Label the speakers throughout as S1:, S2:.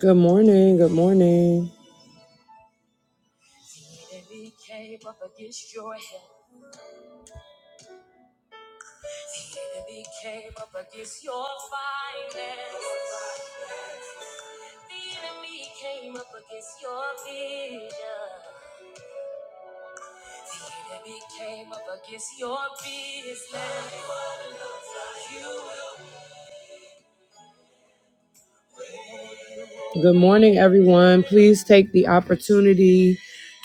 S1: Good morning. Good morning. Good morning, everyone. Please take the opportunity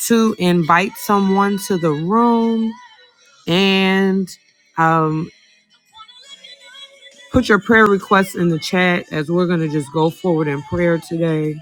S1: to invite someone to the room and um, put your prayer requests in the chat as we're going to just go forward in prayer today.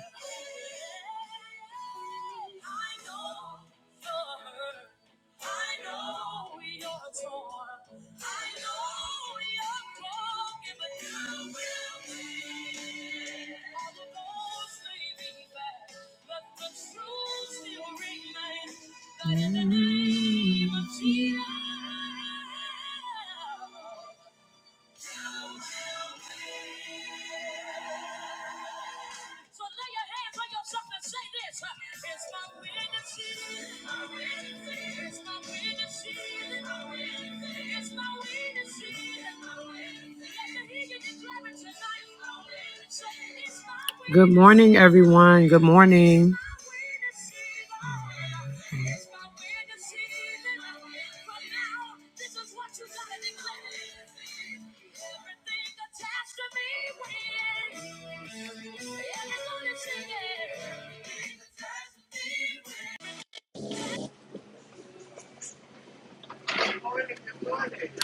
S1: Good morning, everyone. Good morning.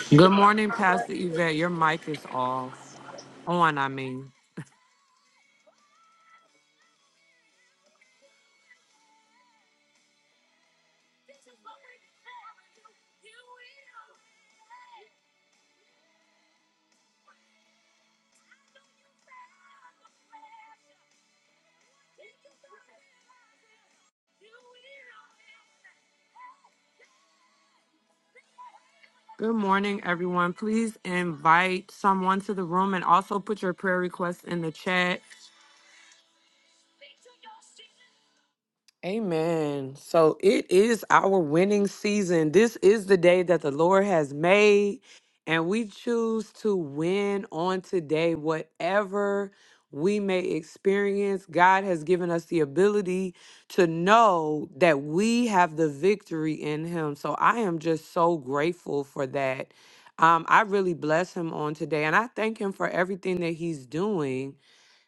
S1: Good morning, Pastor Yvette. Your mic is off. On, I mean. Good morning, everyone. Please invite someone to the room and also put your prayer requests in the chat. Amen. So it is our winning season. This is the day that the Lord has made, and we choose to win on today, whatever we may experience. God has given us the ability to know that we have the victory in Him. So I am just so grateful for that. Um, I really bless Him on today, and I thank Him for everything that He's doing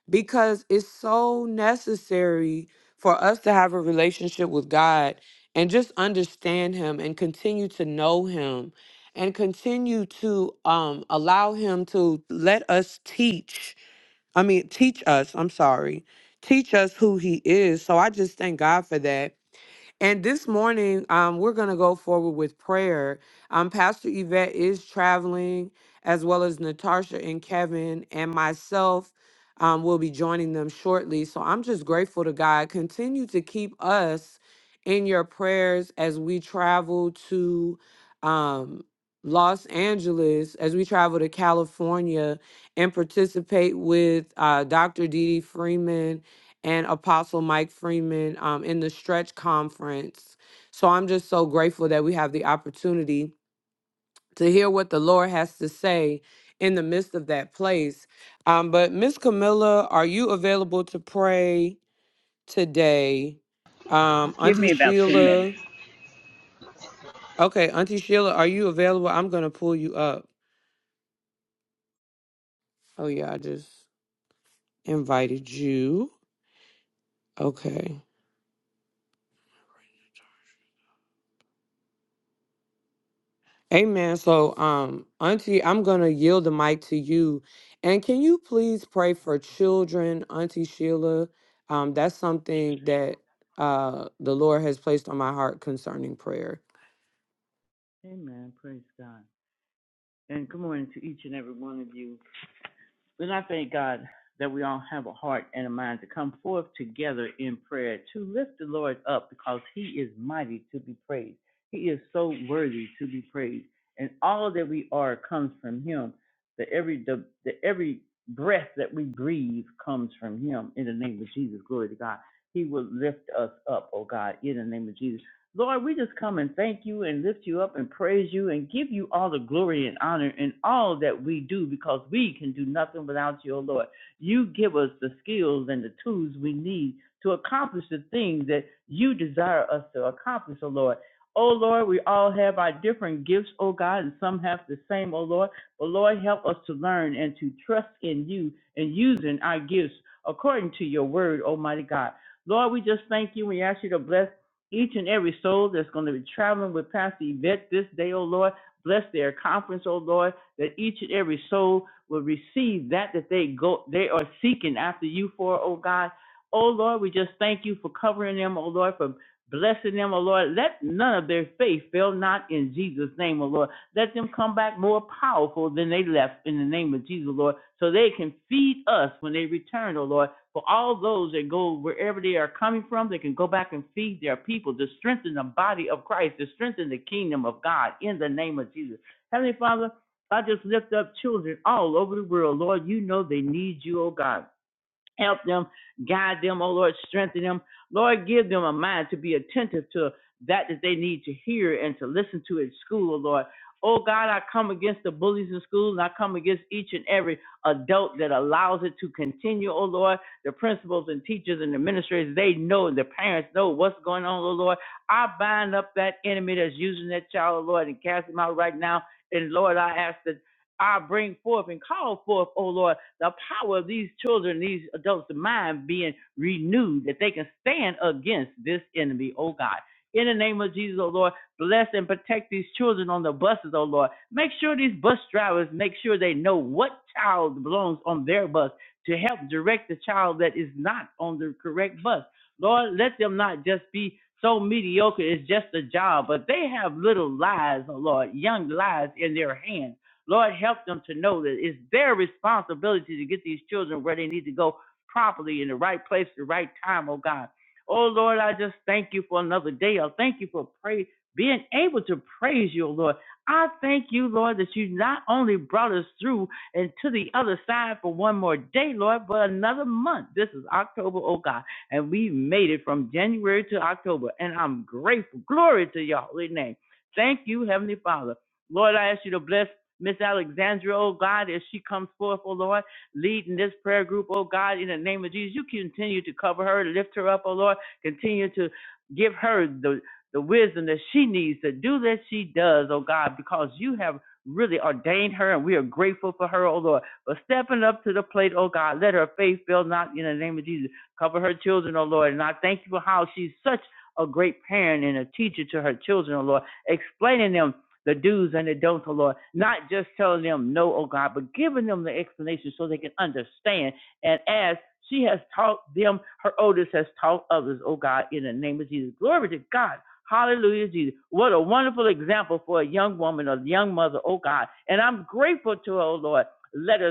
S1: because it's so necessary for us to have a relationship with God and just understand him and continue to know him and continue to um allow him to let us teach I mean teach us I'm sorry teach us who he is so I just thank God for that and this morning, um, we're going to go forward with prayer. Um, Pastor Yvette is traveling, as well as Natasha and Kevin and myself um, will be joining them shortly. So I'm just grateful to God. Continue to keep us in your prayers as we travel to um, Los Angeles, as we travel to California and participate with uh, Dr. Dee Dee Freeman and Apostle Mike Freeman um, in the Stretch Conference. So I'm just so grateful that we have the opportunity to hear what the Lord has to say in the midst of that place. Um, but Miss Camilla, are you available to pray today? Um,
S2: Give
S1: Auntie
S2: me about 10 minutes.
S1: Sheila, okay, Auntie Sheila, are you available? I'm gonna pull you up. Oh yeah, I just invited you. Okay. Amen. So, um, Auntie, I'm going to yield the mic to you. And can you please pray for children, Auntie Sheila? Um, that's something that uh, the Lord has placed on my heart concerning prayer.
S3: Amen. Praise God. And good morning to each and every one of you. And I thank God that we all have a heart and a mind to come forth together in prayer to lift the Lord up because he is mighty to be praised. He is so worthy to be praised. And all that we are comes from him. The every the, the every breath that we breathe comes from him in the name of Jesus. Glory to God. He will lift us up, oh God, in the name of Jesus. Lord, we just come and thank you and lift you up and praise you and give you all the glory and honor in all that we do because we can do nothing without you, O Lord. You give us the skills and the tools we need to accomplish the things that you desire us to accomplish, O Lord. O Lord, we all have our different gifts, O God, and some have the same, O Lord. But Lord, help us to learn and to trust in you and using our gifts according to your word, Almighty God. Lord, we just thank you. We ask you to bless each and every soul that's going to be traveling with Pastor Yvette this day, oh Lord. Bless their conference, oh Lord, that each and every soul will receive that that they go they are seeking after you for, oh God. Oh Lord, we just thank you for covering them, oh Lord, for blessing them, oh Lord. Let none of their faith fail not in Jesus' name, oh Lord. Let them come back more powerful than they left in the name of Jesus, Lord, so they can feed us when they return, oh Lord for all those that go wherever they are coming from, they can go back and feed their people to strengthen the body of Christ, to strengthen the kingdom of God in the name of Jesus. Heavenly Father, I just lift up children all over the world. Lord, you know they need you, oh God. Help them, guide them, oh Lord, strengthen them. Lord, give them a mind to be attentive to that that they need to hear and to listen to at school, oh Lord. Oh God, I come against the bullies in schools and I come against each and every adult that allows it to continue, oh Lord. The principals and teachers and administrators, they know and the parents know what's going on, oh Lord. I bind up that enemy that's using that child, oh Lord, and cast him out right now. And Lord, I ask that I bring forth and call forth, oh Lord the power of these children, these adults' mind being renewed, that they can stand against this enemy, oh God. In the name of Jesus, oh Lord, bless and protect these children on the buses, oh Lord. Make sure these bus drivers make sure they know what child belongs on their bus to help direct the child that is not on the correct bus. Lord, let them not just be so mediocre, it's just a job, but they have little lives, oh Lord, young lives in their hands. Lord, help them to know that it's their responsibility to get these children where they need to go properly in the right place, the right time, oh God. Oh Lord, I just thank you for another day. I thank you for pray, being able to praise you, oh Lord. I thank you, Lord, that you not only brought us through and to the other side for one more day, Lord, but another month. This is October, oh God, and we made it from January to October, and I'm grateful. Glory to your holy name. Thank you, Heavenly Father. Lord, I ask you to bless Miss Alexandra, oh God, as she comes forth, oh Lord, leading this prayer group, oh God, in the name of Jesus, you continue to cover her, lift her up, oh Lord, continue to give her the the wisdom that she needs to do that she does, oh God, because you have really ordained her and we are grateful for her, oh Lord, for stepping up to the plate, oh God. Let her faith fail not in the name of Jesus. Cover her children, oh Lord. And I thank you for how she's such a great parent and a teacher to her children, oh Lord, explaining them the do's and the don'ts, O Lord. Not just telling them no, O God, but giving them the explanation so they can understand. And as she has taught them, her oldest has taught others, O God, in the name of Jesus. Glory to God. Hallelujah, Jesus. What a wonderful example for a young woman, a young mother, O God. And I'm grateful to her, oh Lord. Let us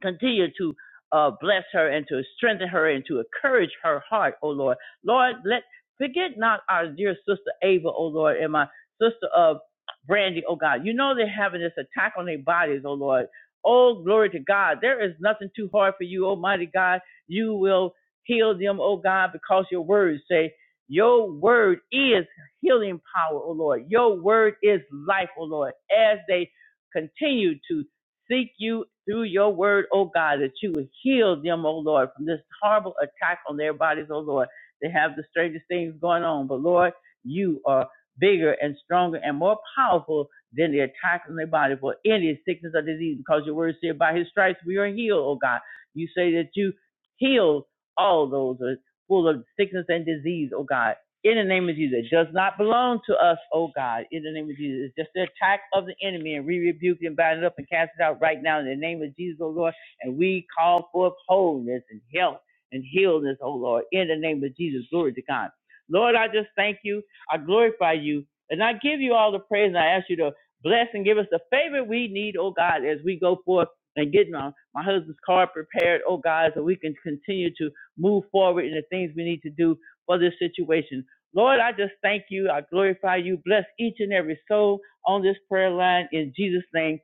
S3: continue to uh, bless her and to strengthen her and to encourage her heart, oh Lord. Lord, let forget not our dear sister Ava, oh Lord, and my sister of uh, Brandy, oh God. You know they're having this attack on their bodies, oh Lord. Oh, glory to God. There is nothing too hard for you, Almighty God. You will heal them, oh God, because your words say, Your word is healing power, oh Lord. Your word is life, oh Lord, as they continue to Seek you through your word, O God, that you would heal them, O Lord, from this horrible attack on their bodies, O Lord. They have the strangest things going on, but Lord, you are bigger and stronger and more powerful than the attack on their body for any sickness or disease, because your word said, by his stripes we are healed, O God. You say that you heal all those who are full of sickness and disease, O God in the name of Jesus. It does not belong to us, oh God, in the name of Jesus. It's just the attack of the enemy, and we rebuke and bind it up and cast it out right now in the name of Jesus, oh Lord. And we call forth wholeness and health and healness, oh Lord, in the name of Jesus. Glory to God. Lord, I just thank you. I glorify you. And I give you all the praise, and I ask you to bless and give us the favor we need, oh God, as we go forth and get my, my husband's car prepared, oh God, so we can continue to move forward in the things we need to do for this situation. Lord, I just thank you. I glorify you. Bless each and every soul on this prayer line. In Jesus' name,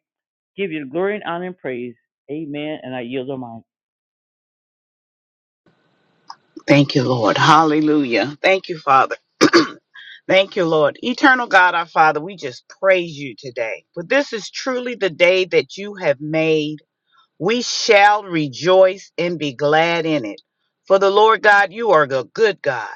S3: give you the glory and honor and praise. Amen. And I yield the mic.
S2: Thank you, Lord. Hallelujah. Thank you, Father. Thank you, Lord. Eternal God, our Father, we just praise you today. For this is truly the day that you have made. We shall rejoice and be glad in it. For the Lord God, you are a good God.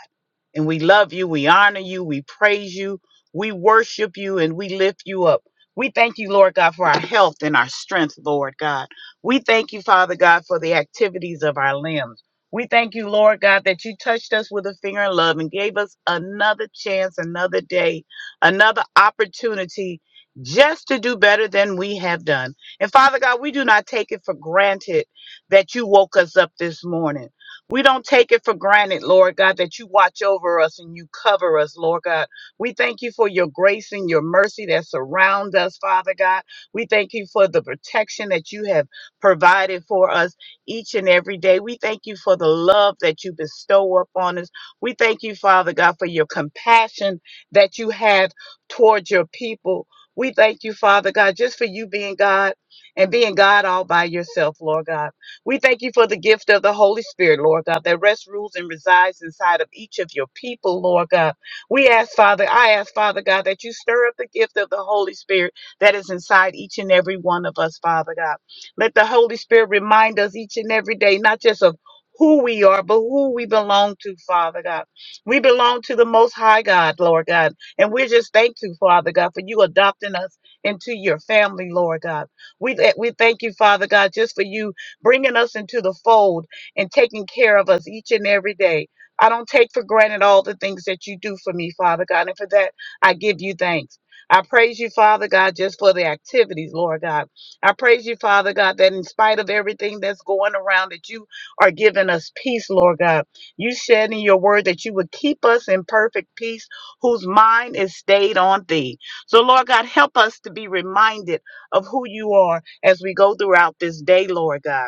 S2: And we love you, we honor you, we praise you, we worship you, and we lift you up. We thank you, Lord God, for our health and our strength, Lord God. We thank you, Father God, for the activities of our limbs. We thank you, Lord God, that you touched us with a finger of love and gave us another chance, another day, another opportunity just to do better than we have done. And Father God, we do not take it for granted that you woke us up this morning. We don't take it for granted, Lord God, that you watch over us and you cover us, Lord God. We thank you for your grace and your mercy that surround us, Father God. We thank you for the protection that you have provided for us each and every day. We thank you for the love that you bestow upon us. We thank you, Father God, for your compassion that you have towards your people. We thank you, Father God, just for you being God and being God all by yourself, Lord God. We thank you for the gift of the Holy Spirit, Lord God, that rests, rules, and resides inside of each of your people, Lord God. We ask, Father, I ask, Father God, that you stir up the gift of the Holy Spirit that is inside each and every one of us, Father God. Let the Holy Spirit remind us each and every day, not just of who we are, but who we belong to, Father God. We belong to the Most High God, Lord God. And we're just thankful, Father God, for you adopting us into your family, Lord God. We, th- we thank you, Father God, just for you bringing us into the fold and taking care of us each and every day. I don't take for granted all the things that you do for me, Father God, and for that I give you thanks. I praise you, Father God, just for the activities, Lord God. I praise you, Father God, that in spite of everything that's going around, that you are giving us peace, Lord God. You said in your word that you would keep us in perfect peace, whose mind is stayed on thee. So, Lord God, help us to be reminded of who you are as we go throughout this day, Lord God.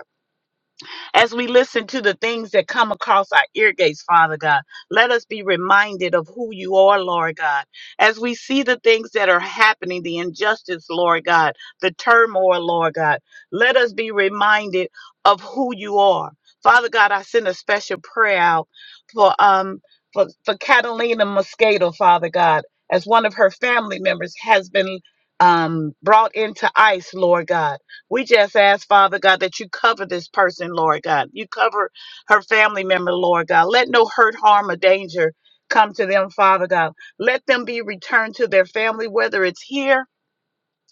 S2: As we listen to the things that come across our ear gates, Father God, let us be reminded of who you are, Lord God. As we see the things that are happening, the injustice, Lord God, the turmoil, Lord God, let us be reminded of who you are. Father God, I send a special prayer out for um for, for Catalina Moscato, Father God, as one of her family members has been um brought into ICE, Lord God. We just ask, Father God, that you cover this person, Lord God. You cover her family member, Lord God. Let no hurt, harm, or danger come to them, Father God. Let them be returned to their family, whether it's here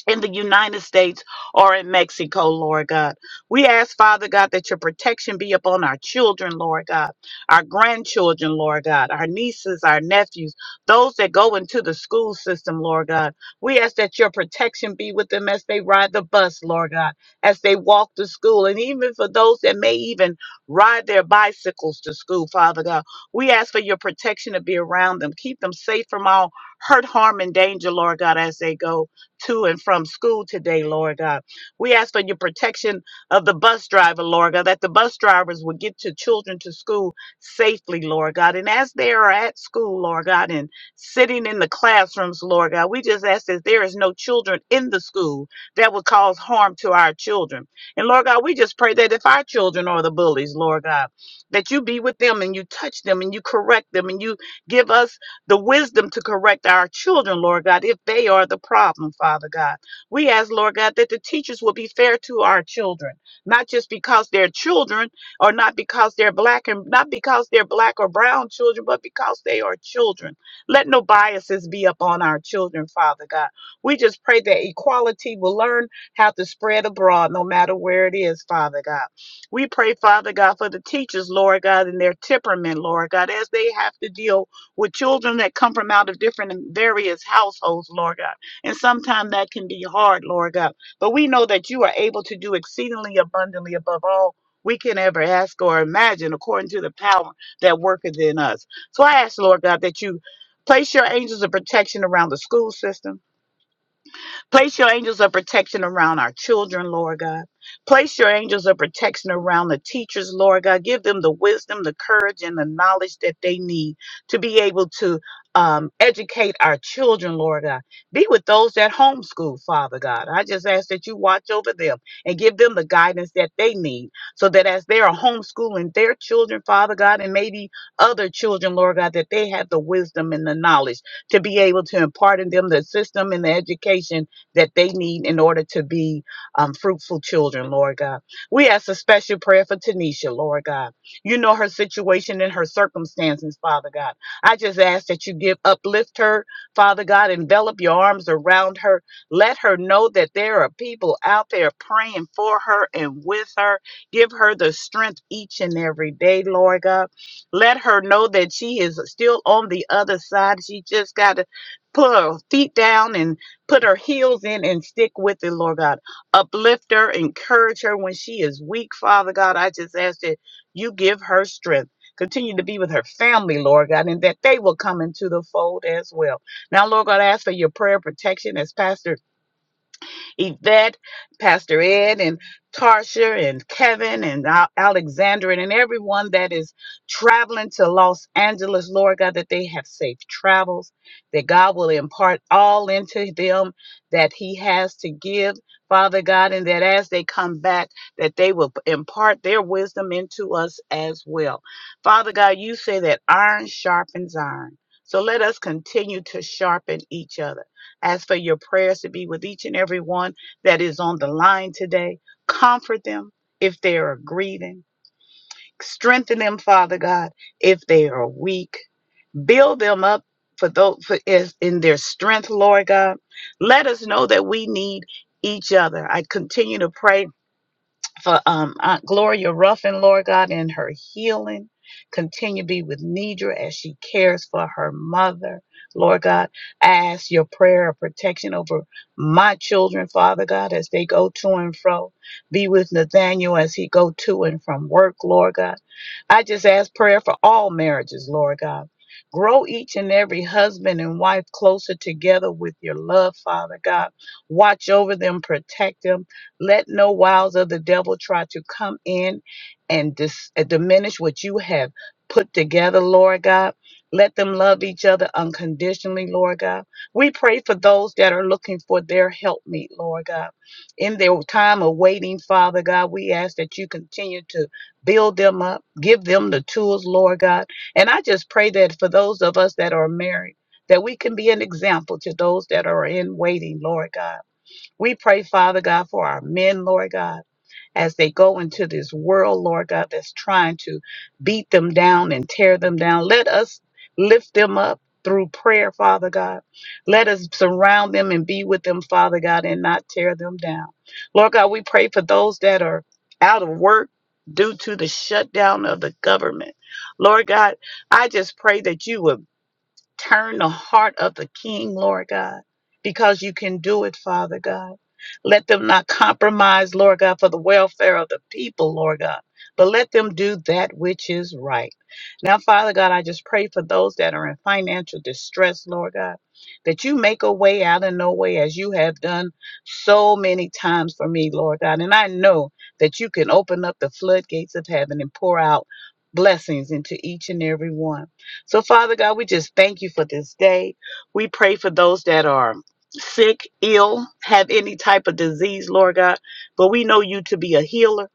S2: in the United States or in Mexico, Lord God. We ask, Father God, that your protection be upon our children, Lord God, our grandchildren, Lord God, our nieces, our nephews, those that go into the school system, Lord God. We ask that your protection be with them as they ride the bus, Lord God, as they walk to school, and even for those that may even ride their bicycles to school, Father God. We ask for your protection to be around them. Keep them safe from all hurt, harm, and danger, Lord God, as they go to and from school today, Lord God. We ask for your protection of the bus driver, Lord God, that the bus drivers will get your children to school safely, Lord God. And as they are at school, Lord God, and sitting in the classrooms, Lord God, we just ask that there is no children in the school that would cause harm to our children. And Lord God, we just pray that if our children are the bullies, Lord God, that you be with them and you touch them and you correct them and you give us the wisdom to correct our children, Lord God, if they are the problem, Father God. We ask, Lord God, that the teachers will be fair to our children, not just because they're children or not because they're black and not because they're black or brown children, but because they are children. Let no biases be upon our children, Father God. We just pray that equality will learn how to spread abroad, no matter where it is, Father God. We pray, Father God, for the teachers, Lord God, and their temperament, Lord God, as they have to deal with children that come from out of different and various households, Lord God. And sometimes that can be hard, Lord God. But we know that you are able to do exceedingly abundantly above all we can ever ask or imagine according to the power that worketh in us. So I ask, Lord God, that you place your angels of protection around the school system Place your angels of protection around our children, Lord God. Place your angels of protection around the teachers, Lord God. Give them the wisdom, the courage, and the knowledge that they need to be able to um, educate our children, Lord God. Be with those that homeschool, Father God. I just ask that you watch over them and give them the guidance that they need so that as they are homeschooling their children, Father God, and maybe other children, Lord God, that they have the wisdom and the knowledge to be able to impart in them the system and the education that they need in order to be um, fruitful children, Lord God. We ask a special prayer for Tanisha, Lord God. You know her situation and her circumstances, Father God. I just ask that you give uplift her, Father God, envelop your arms around her. Let her know that there are people out there praying for her and with her. Give her the strength each and every day, Lord God. Let her know that she is still on the other side. She just got to put her feet down and. Put her heels in and stick with it, Lord God. Uplift her, encourage her when she is weak, Father God. I just ask that you give her strength. Continue to be with her family, Lord God, and that they will come into the fold as well. Now, Lord God, I ask for your prayer protection as Pastor Yvette, Pastor Ed, and Tarsha, and Kevin, and Al- Alexandra, and everyone that is traveling to Los Angeles, Lord God, that they have safe travels, that God will impart all into them that He has to give, Father God, and that as they come back, that they will impart their wisdom into us as well. Father God, you say that iron sharpens iron. So let us continue to sharpen each other. Ask for your prayers to be with each and every one that is on the line today. Comfort them if they are grieving. Strengthen them, Father God, if they are weak. Build them up for those for is in their strength, Lord God. Let us know that we need each other. I continue to pray for um, Aunt Gloria Ruffin, Lord God, in her healing. Continue to be with Nidra as she cares for her mother. Lord God, I ask your prayer of protection over my children, Father God, as they go to and fro. Be with Nathaniel as he go to and from work, Lord God. I just ask prayer for all marriages, Lord God. Grow each and every husband and wife closer together with your love, Father God. Watch over them, protect them, let no wiles of the devil try to come in and dis- uh, diminish what you have put together, Lord God. Let them love each other unconditionally, Lord God. We pray for those that are looking for their helpmeet, Lord God. In their time of waiting, Father God, we ask that you continue to build them up, give them the tools, Lord God. And I just pray that for those of us that are married, that we can be an example to those that are in waiting, Lord God we pray, Father God, for our men, Lord God, as they go into this world, Lord God, that's trying to beat them down and tear them down. Let us lift them up through prayer, Father God. Let us surround them and be with them, Father God, and not tear them down. Lord God, we pray for those that are out of work due to the shutdown of the government. Lord God, I just pray that you would Turn the heart of the king, Lord God, because you can do it, Father God. Let them not compromise, Lord God, for the welfare of the people, Lord God, but let them do that which is right. Now, Father God, I just pray for those that are in financial distress, Lord God, that you make a way out of no way as you have done so many times for me, Lord God. And I know that you can open up the floodgates of heaven and pour out blessings into each and every one. So, Father God, we just thank you for this day. We pray for those that are sick, ill, have any type of disease, Lord God. But we know you to be a healer,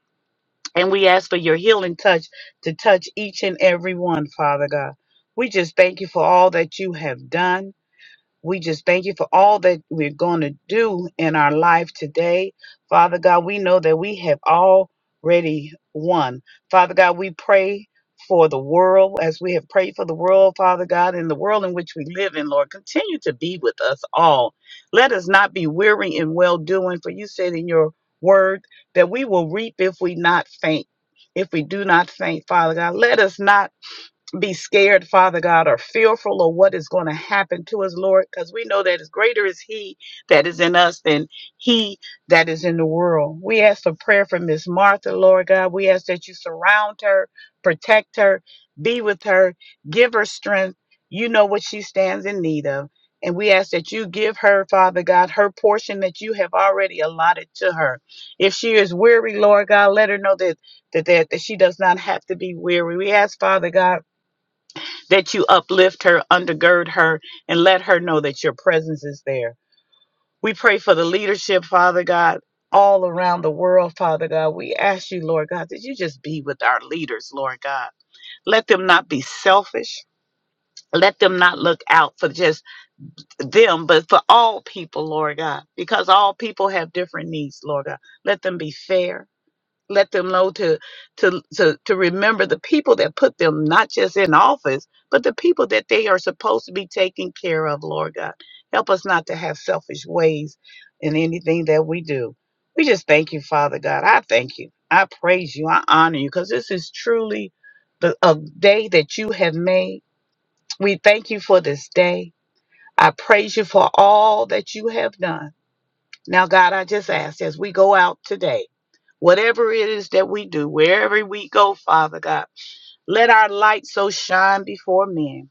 S2: and we ask for your healing touch to touch each and every one, Father God. We just thank you for all that you have done we just thank you for all that we're going to do in our life today. Father God, we know that we have already won. Father God, we pray for the world as we have prayed for the world, Father God, in the world in which we live in, Lord. Continue to be with us all. Let us not be weary in well doing, for you said in your word that we will reap if we not faint. If we do not faint, Father God, let us not be scared, Father God, or fearful of what is going to happen to us, Lord, because we know that is greater is He that is in us than He that is in the world. We ask for prayer for Miss Martha, Lord God. We ask that you surround her, protect her, be with her, give her strength. You know what she stands in need of. And we ask that you give her, Father God, her portion that you have already allotted to her. If she is weary, Lord God, let her know that that, that, that she does not have to be weary. We ask, Father God, that you uplift her, undergird her, and let her know that your presence is there. We pray for the leadership, Father God, all around the world, Father God. We ask you, Lord God, that you just be with our leaders, Lord God. Let them not be selfish. Let them not look out for just them, but for all people, Lord God, because all people have different needs, Lord God. Let them be fair let them know to to to to remember the people that put them not just in office, but the people that they are supposed to be taking care of, Lord God. Help us not to have selfish ways in anything that we do. We just thank you, Father God. I thank you. I praise you. I honor you because this is truly the a day that you have made. We thank you for this day. I praise you for all that you have done. Now, God, I just ask as we go out today. Whatever it is that we do, wherever we go, Father God, let our light so shine before men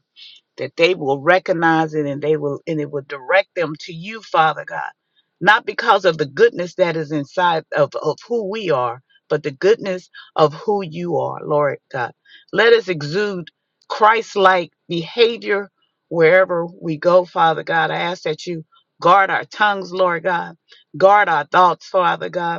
S2: that they will recognize it and they will and it will direct them to you, Father God. Not because of the goodness that is inside of, of who we are, but the goodness of who you are, Lord God. Let us exude Christ like behavior wherever we go, Father God. I ask that you guard our tongues, Lord God. Guard our thoughts, Father God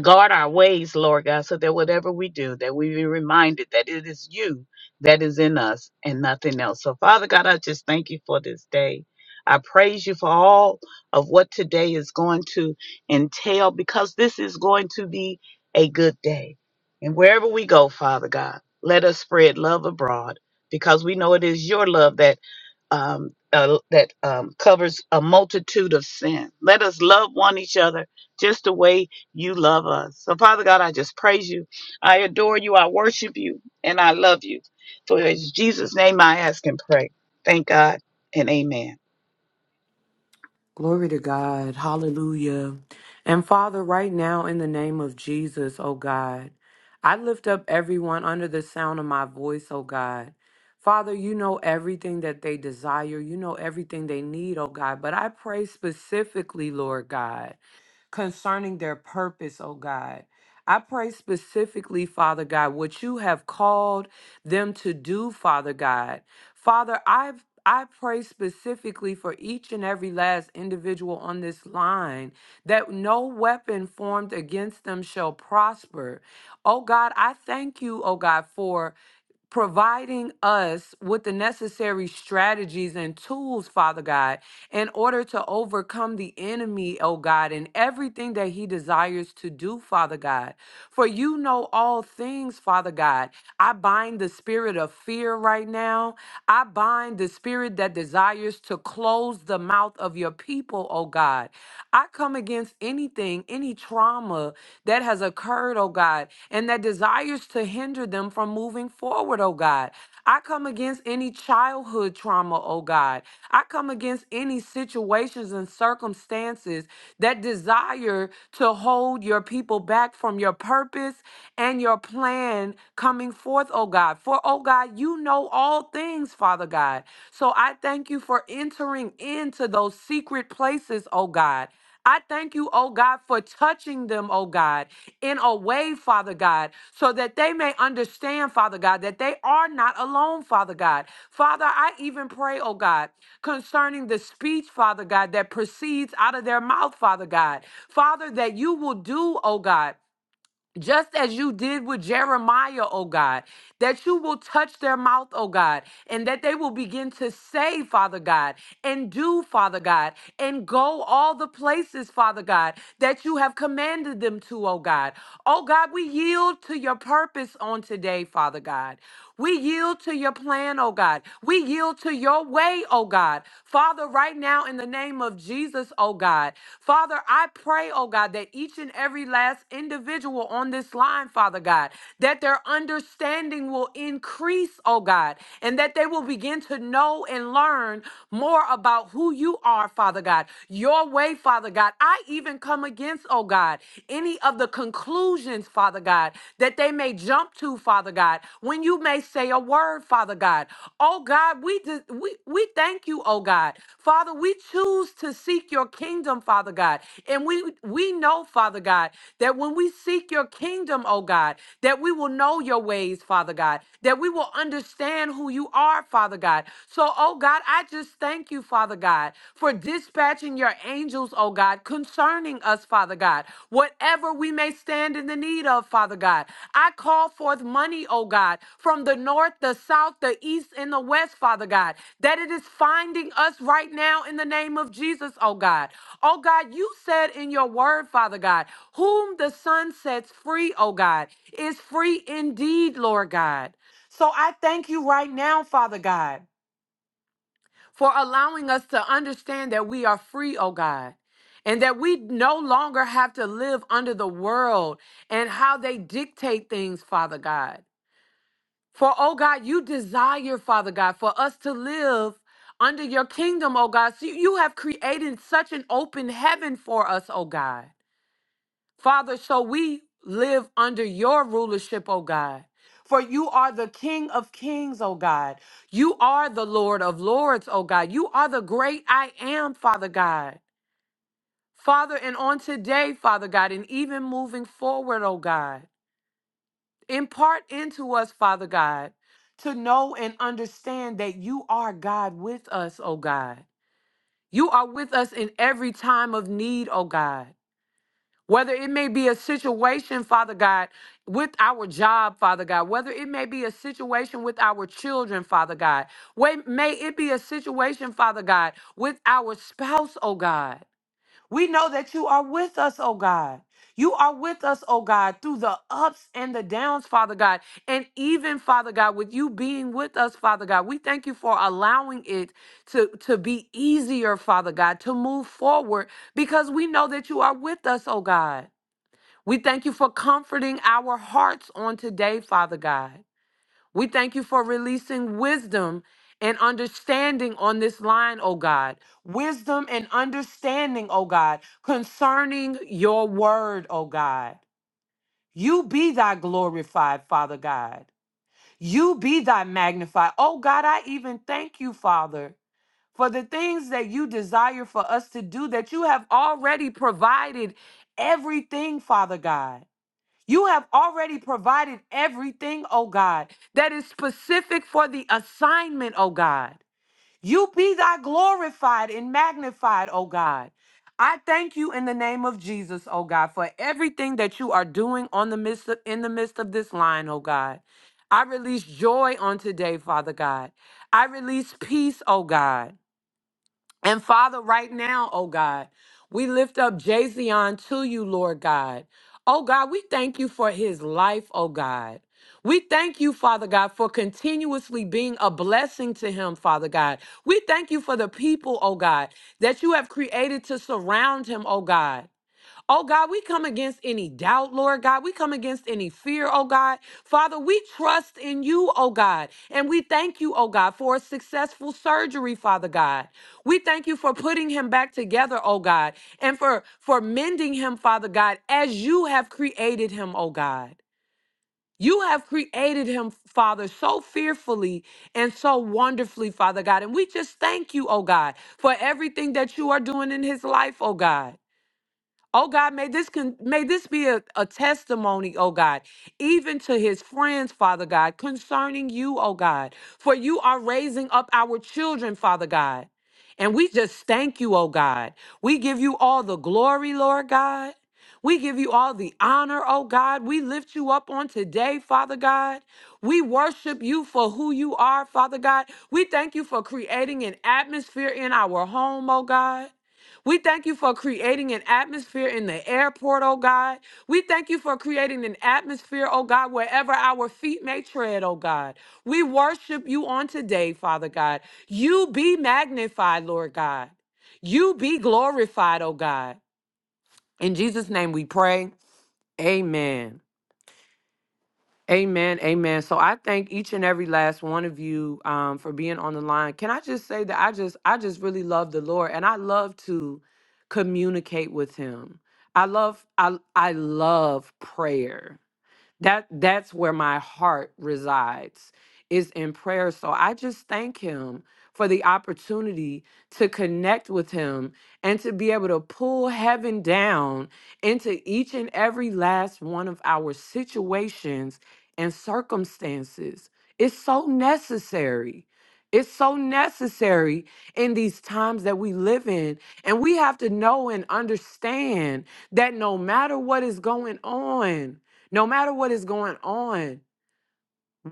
S2: guard our ways, Lord God, so that whatever we do, that we be reminded that it is you that is in us and nothing else. So, Father God, I just thank you for this day. I praise you for all of what today is going to entail because this is going to be a good day. And wherever we go, Father God, let us spread love abroad because we know it is your love that um, uh, that um, covers a multitude of sin. Let us love one each other just the way you love us. So, Father God, I just praise you. I adore you. I worship you. And I love you. For in Jesus' name I ask and pray. Thank God and amen.
S1: Glory to God. Hallelujah. And Father, right now, in the name of Jesus, oh God, I lift up everyone under the sound of my voice, oh God. Father, you know everything that they desire. You know everything they need, oh God. But I pray specifically, Lord God concerning their purpose, oh God. I pray specifically, Father God, what you have called them to do, Father God. Father, I I pray specifically for each and every last individual on this line that no weapon formed against them shall prosper. Oh God, I thank you, oh God, for providing us with the necessary strategies and tools, Father God, in order to overcome the enemy, oh God, and everything that he desires to do, Father God. For you know all things, Father God. I bind the spirit of fear right now. I bind the spirit that desires to close the mouth of your people, oh God. I come against anything anything, any trauma that has occurred, oh God, and that desires to hinder them from moving forward, oh God. I come against any childhood trauma, oh God. I come against any situations and circumstances that desire to hold your people back from your purpose and your plan coming forth, oh God. For, oh God, you know all things, Father God. So I thank you for entering into those secret places, oh God. I thank you, oh God, for touching them, oh God, in a way, Father God, so that they may understand, Father God, that they are not alone, Father God. Father, I even pray, oh God, concerning the speech, Father God, that proceeds out of their mouth, Father God. Father, that you will do, oh God just as you did with Jeremiah, oh God, that you will touch their mouth, oh God, and that they will begin to say, Father God, and do, Father God, and go all the places, Father God, that you have commanded them to, oh God. Oh God, we yield to your purpose on today, Father God. We yield to your plan, oh God. We yield to your way, oh God. Father, right now in the name of Jesus, oh God. Father, I pray, oh God, that each and every last individual on this line, Father God, that their understanding will increase, oh God, and that they will begin to know and learn more about who you are, Father God, your way, Father God. I even come against, oh God, any of the conclusions, Father God, that they may jump to, Father God, when you may say a word, Father God. Oh God, we, de- we, we thank you, oh God. Father, we choose to seek your kingdom kingdom, Father God. And we we know, Father God, that when we seek your kingdom, oh God, that we will know your ways, Father God, that we will understand who you are, Father God. So, oh God, I just thank you, Father God, for dispatching your angels, oh God, concerning us, Father God, whatever we may stand in the need of, Father God. I call forth money, oh God, from the north, the south, the east, and the west, Father God, that it is finding us right now in the name of Jesus, oh God. Oh God, you said in your word, Father God, whom the Son sets free, oh God, is free indeed, Lord God. So I thank you right now, Father God, for allowing us to understand that we are free, oh God, and that we no longer have to live under the world and how they dictate things, Father God. For, oh God, you desire, Father God, for us to live under your kingdom, oh God. So you have created such an open heaven for us, oh God. Father, so we live under your rulership, O God. For you are the King of kings, O God. You are the Lord of lords, O God. You are the great I am, Father God. Father, and on today, Father God, and even moving forward, O God, impart into us, Father God, to know and understand that you are God with us, O God. You are with us in every time of need, O God. whether it may be a situation, Father God, with our job, Father God, whether it may be a situation with our children, Father God, Wa- may it be a situation, Father God, with our spouse, oh God. We know that you are with us, oh God. You are with us, oh God, through the ups and the downs, Father God. And even, Father God, with you being with us, Father God, we thank you for allowing it to, to be easier, Father God, to move forward because we know that you are with us, oh God. We thank you for comforting our hearts on today, Father God. We thank you for releasing wisdom and understanding on this line, oh God. Wisdom and understanding, oh God, concerning your word, oh God. You be thy glorified, Father God. You be thy magnified. Oh God, I even thank you, Father, for the things that you desire for us to do that you have already provided everything, Father God. You have already provided everything, oh God, that is specific for the assignment, oh God. You be thy glorified and magnified, oh God. I thank you in the name of Jesus, oh God, for everything that you are doing on the midst of, in the midst of this line, oh God. I release joy on today, Father God. I release peace, oh God. And Father, right now, oh God, we lift up Jazion to you, Lord God. Oh God, we thank you for his life, oh God. We thank you, Father God, for continuously being a blessing to him, Father God. We thank you for the people, oh God, that you have created to surround him, oh God. Oh God, we come against any doubt, Lord God. We come against any fear, oh God. Father, we trust in you, oh God. And we thank you, oh God, for a successful surgery, Father God. We thank you for putting him back together, oh God, and for for mending him, Father God, as you have created him, oh God. You have created him, Father, so fearfully and so wonderfully, Father God. And we just thank you, oh God, for everything that you are doing in his life, oh God. Oh God, may this con- may this be a, a testimony, oh God, even to his friends, Father God, concerning you, oh God. For you are raising up our children, Father God. And we just thank you, oh God. We give you all the glory, Lord God. We give you all the honor, oh God. We lift you up on today, Father God. We worship you for who you are, Father God. We thank you for creating an atmosphere in our home, oh God. We thank you for creating an atmosphere in the airport, oh God. We thank you for creating an atmosphere, oh God, wherever our feet may tread, oh God. We worship you on today, Father God. You be magnified, Lord God. You be glorified, oh God. In Jesus' name we pray. Amen. Amen. Amen. So I thank each and every last one of you um, for being on the line. Can I just say that I just I just really love the Lord and I love to communicate with him. I love I I love prayer that that's where my heart resides is in prayer so i just thank him for the opportunity to connect with him and to be able to pull heaven down into each and every last one of our situations and circumstances it's so necessary it's so necessary in these times that we live in. And we have to know and understand that no matter what is going on, no matter what is going on,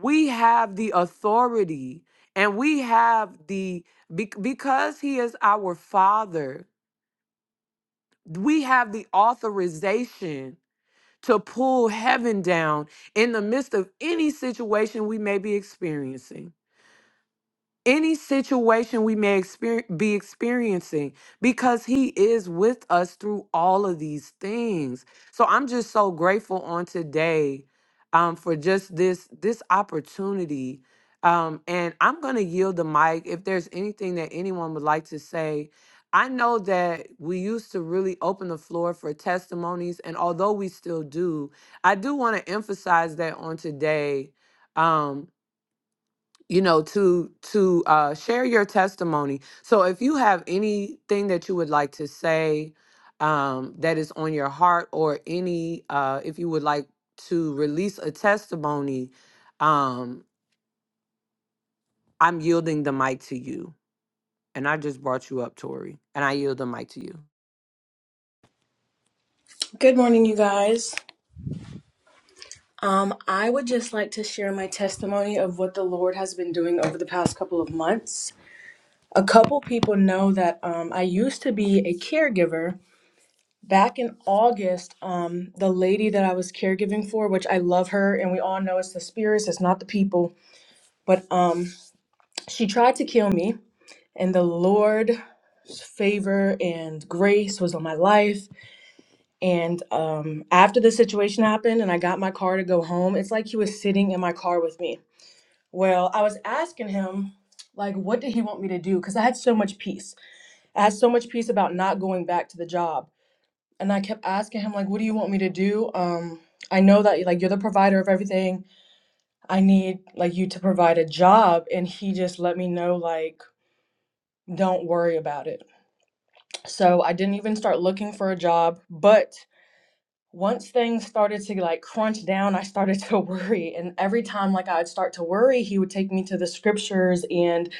S1: we have the authority and we have the, be- because He is our Father, we have the authorization to pull heaven down in the midst of any situation we may be experiencing. any situation we may exper- be experiencing because he is with us through all of these things so i'm just so grateful on today um, for just this this opportunity um, and i'm going to yield the mic if there's anything that anyone would like to say i know that we used to really open the floor for testimonies and although we still do i do want to emphasize that on today Um, you know to to uh, share your testimony so if you have anything that you would like to say um, that is on your heart or any uh, if you would like to release a testimony um, i'm yielding the mic to you and i just brought you up tori and i yield the mic to you
S4: Good morning, you guys. Um, I would just like to share my testimony of what the Lord has been doing over the past couple of months. A couple people know that um, I used to be a caregiver. Back in August, um, the lady that I was caregiving for, which I love her, and we all know it's the spirits, it's not the people, but um, she tried to kill me, and the Lord's favor and grace was on my life And um, after the situation happened and I got my car to go home, it's like he was sitting in my car with me. Well, I was asking him, like, what did he want me to do? Because I had so much peace. I had so much peace about not going back to the job. And I kept asking him, like, what do you want me to do? Um, I know that, like, you're the provider of everything. I need, like, you to provide a job. And he just let me know, like, don't worry about it. So I didn't even start looking for a job. But once things started to like crunch down, I started to worry. And every time like I'd start to worry, he would take me to the scriptures and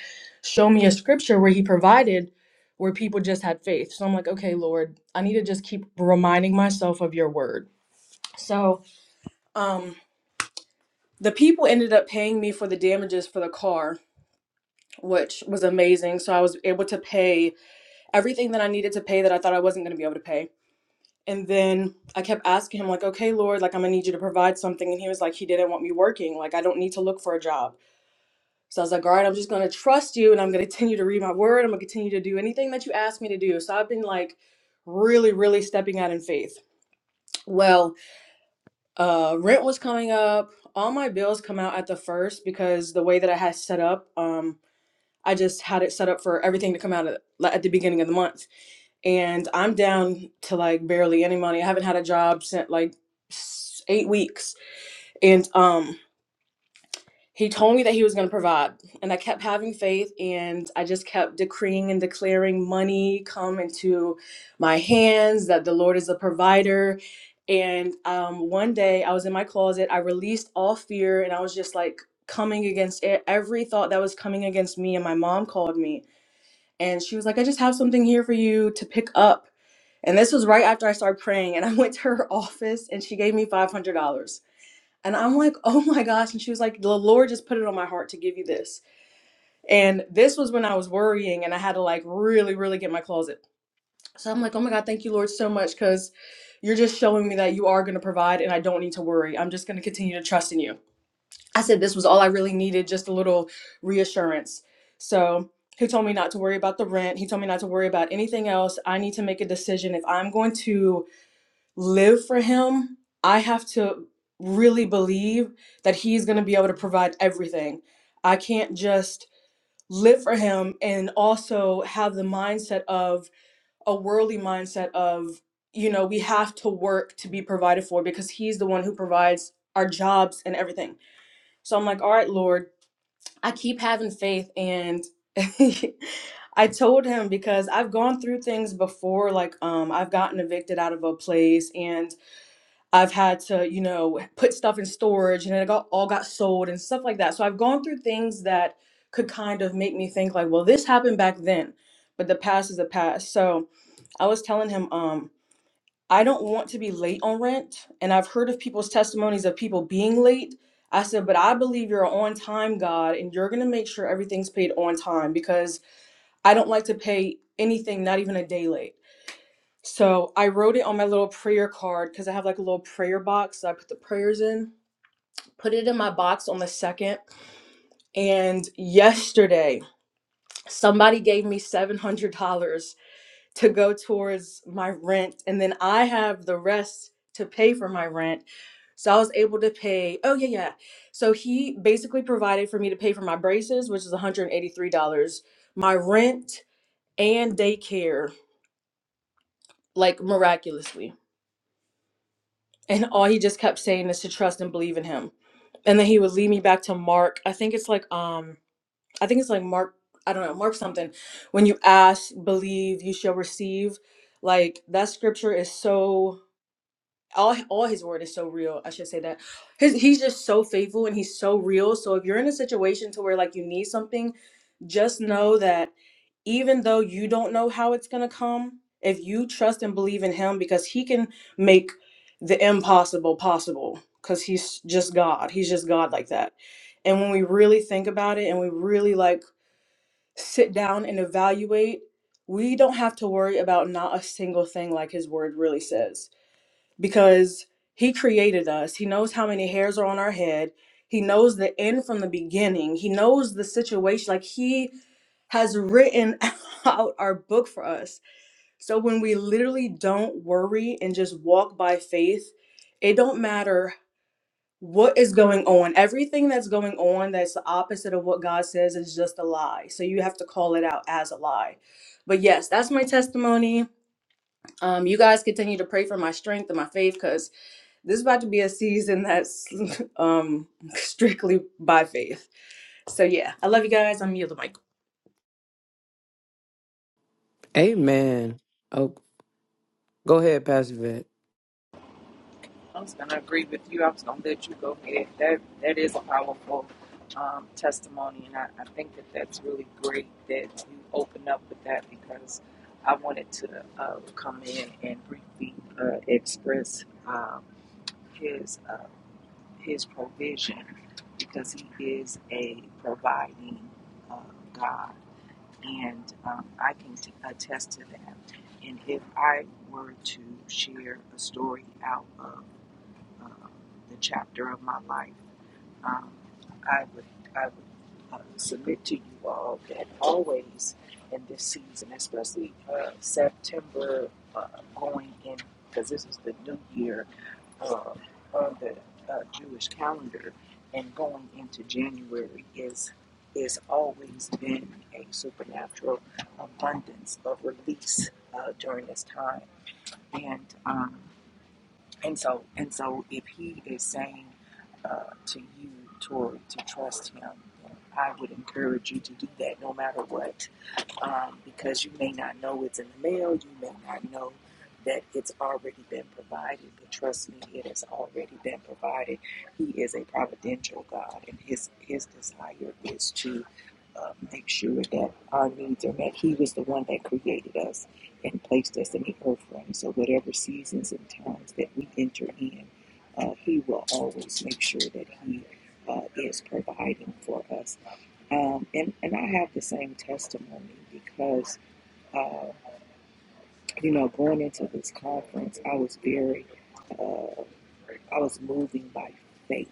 S4: show me a scripture where he provided where people just had faith. So I'm like, okay, Lord, I need to just keep reminding myself of your word. So um the people ended up paying me for the damages for the car, which was amazing. So I was able to pay everything that I needed to pay that I thought I wasn't gonna be able to pay And then I kept asking him, like, okay, Lord, like, I'm gonna need you to provide something. And he was like, he didn't want me working. Like, I don't need to look for a job. So I was like, all right, I'm just gonna trust you and I'm gonna continue to read my word. I'm gonna continue to do anything that you ask me to do. So I've been like really, really stepping out in faith. Well, uh, rent was coming up. All my bills come out at the first because the way that I had set up, um, I just had it set up for everything to come out at, like, at the beginning of the month and I'm down to like barely any money. I haven't had a job since like s- eight weeks, and um, he told me that he was going to provide, and I kept having faith, and I just kept decreeing and declaring money come into my hands that the Lord is a provider. And um, one day I was in my closet, I released all fear, and I was just like coming against e- every thought that was coming against me. And my mom called me, and she was like, "I just have something here for you to pick up." And this was right after I started praying. And I went to her office and she gave me $500. And I'm like, oh my gosh. And she was like, the Lord just put it on my heart to give you this. And this was when I was worrying and I had to like really, really get my closet. So I'm like, oh my God, thank you, Lord, so much because you're just showing me that you are going to provide and I don't need to worry. I'm just going to continue to trust in you. I said, this was all I really needed, just a little reassurance. So he told me not to worry about the rent. He told me not to worry about anything else. I need to make a decision if I'm going to live for him, I have to really believe that he's going to be able to provide everything. I can't just live for him and also have the mindset of a worldly mindset of, you know, we have to work to be provided for because he's the one who provides our jobs and everything. So I'm like, all right, Lord, I keep having faith. And I told him because I've gone through things before, like um, I've gotten evicted out of a place and I've had to, you know, put stuff in storage and it got all got sold and stuff like that. So I've gone through things that could kind of make me think like, well, this happened back then, but the past is the past. So I was telling him, um, I don't want to be late on rent. And I've heard of people's testimonies of people being late. I said, but I believe you're on time, God, and you're gonna make sure everything's paid on time because I don't like to pay anything, not even a day late. So I wrote it on my little prayer card because I have like a little prayer box that I put the prayers in. Put it in my box on the second. And yesterday, somebody gave me $700 to go towards my rent. And then I have the rest to pay for my rent. So I was able to pay. Oh, yeah, yeah. So he basically provided for me to pay for my braces, which is $183, my rent, and daycare, like miraculously. And all he just kept saying is to trust and believe in him. And then he would lead me back to Mark. I think it's like um I think it's like Mark I don't know, Mark something. When you ask, believe, you shall receive. Like that scripture is so all all his word is so real. I should say that. His he's just so faithful and he's so real. So if you're in a situation to where like you need something, just know that even though you don't know how it's going to come, if you trust and believe in him because he can make the impossible possible cuz he's just God. He's just God like that. And when we really think about it and we really like sit down and evaluate, we don't have to worry about not a single thing like his word really says because he created us. He knows how many hairs are on our head. He knows the end from the beginning. He knows the situation. Like he has written out our book for us. So when we literally don't worry and just walk by faith, it don't matter what is going on. Everything that's going on that's the opposite of what God says is just a lie. So you have to call it out as a lie. But yes, that's my testimony. Um, you guys continue to pray for my strength and my faith because this is about to be a season that's um strictly by faith. So yeah, I love you guys. I'm yielding my
S1: Amen. Oh, go ahead, Pastor Vet.
S5: I'm just gonna agree with you. I was gonna let you go ahead. That that is a powerful um, testimony, and I, I think that that's really great that you open up with that because I wanted to uh, come in and briefly uh, express um, his uh, his provision because he is a providing uh, God, and um, I can t- attest to that. And if I were to share a story out of um, the chapter of my life, um, I would I would uh, submit to you all that always in this season, especially uh, September uh, going in, because this is the new year uh, on the uh, Jewish calendar, and going into January is is always been a supernatural abundance of release uh, during this time, and. Um, and so, and so, if he is saying uh, to you, Tori, to trust him, I would encourage you to do that, no matter what um, because you may not know it's in the mail. You may not know that it's already been provided, but trust me, it has already been provided. He is a providential God, and his his desire is to uh, make sure that our needs are met. He was the one that created us and placed us in the earth realm. So whatever seasons and times that we enter in, uh, He will always make sure that He uh, is providing for us. Um, and, and I have the same testimony because, uh, you know, going into this conference, I was very, uh, I was moving by faith.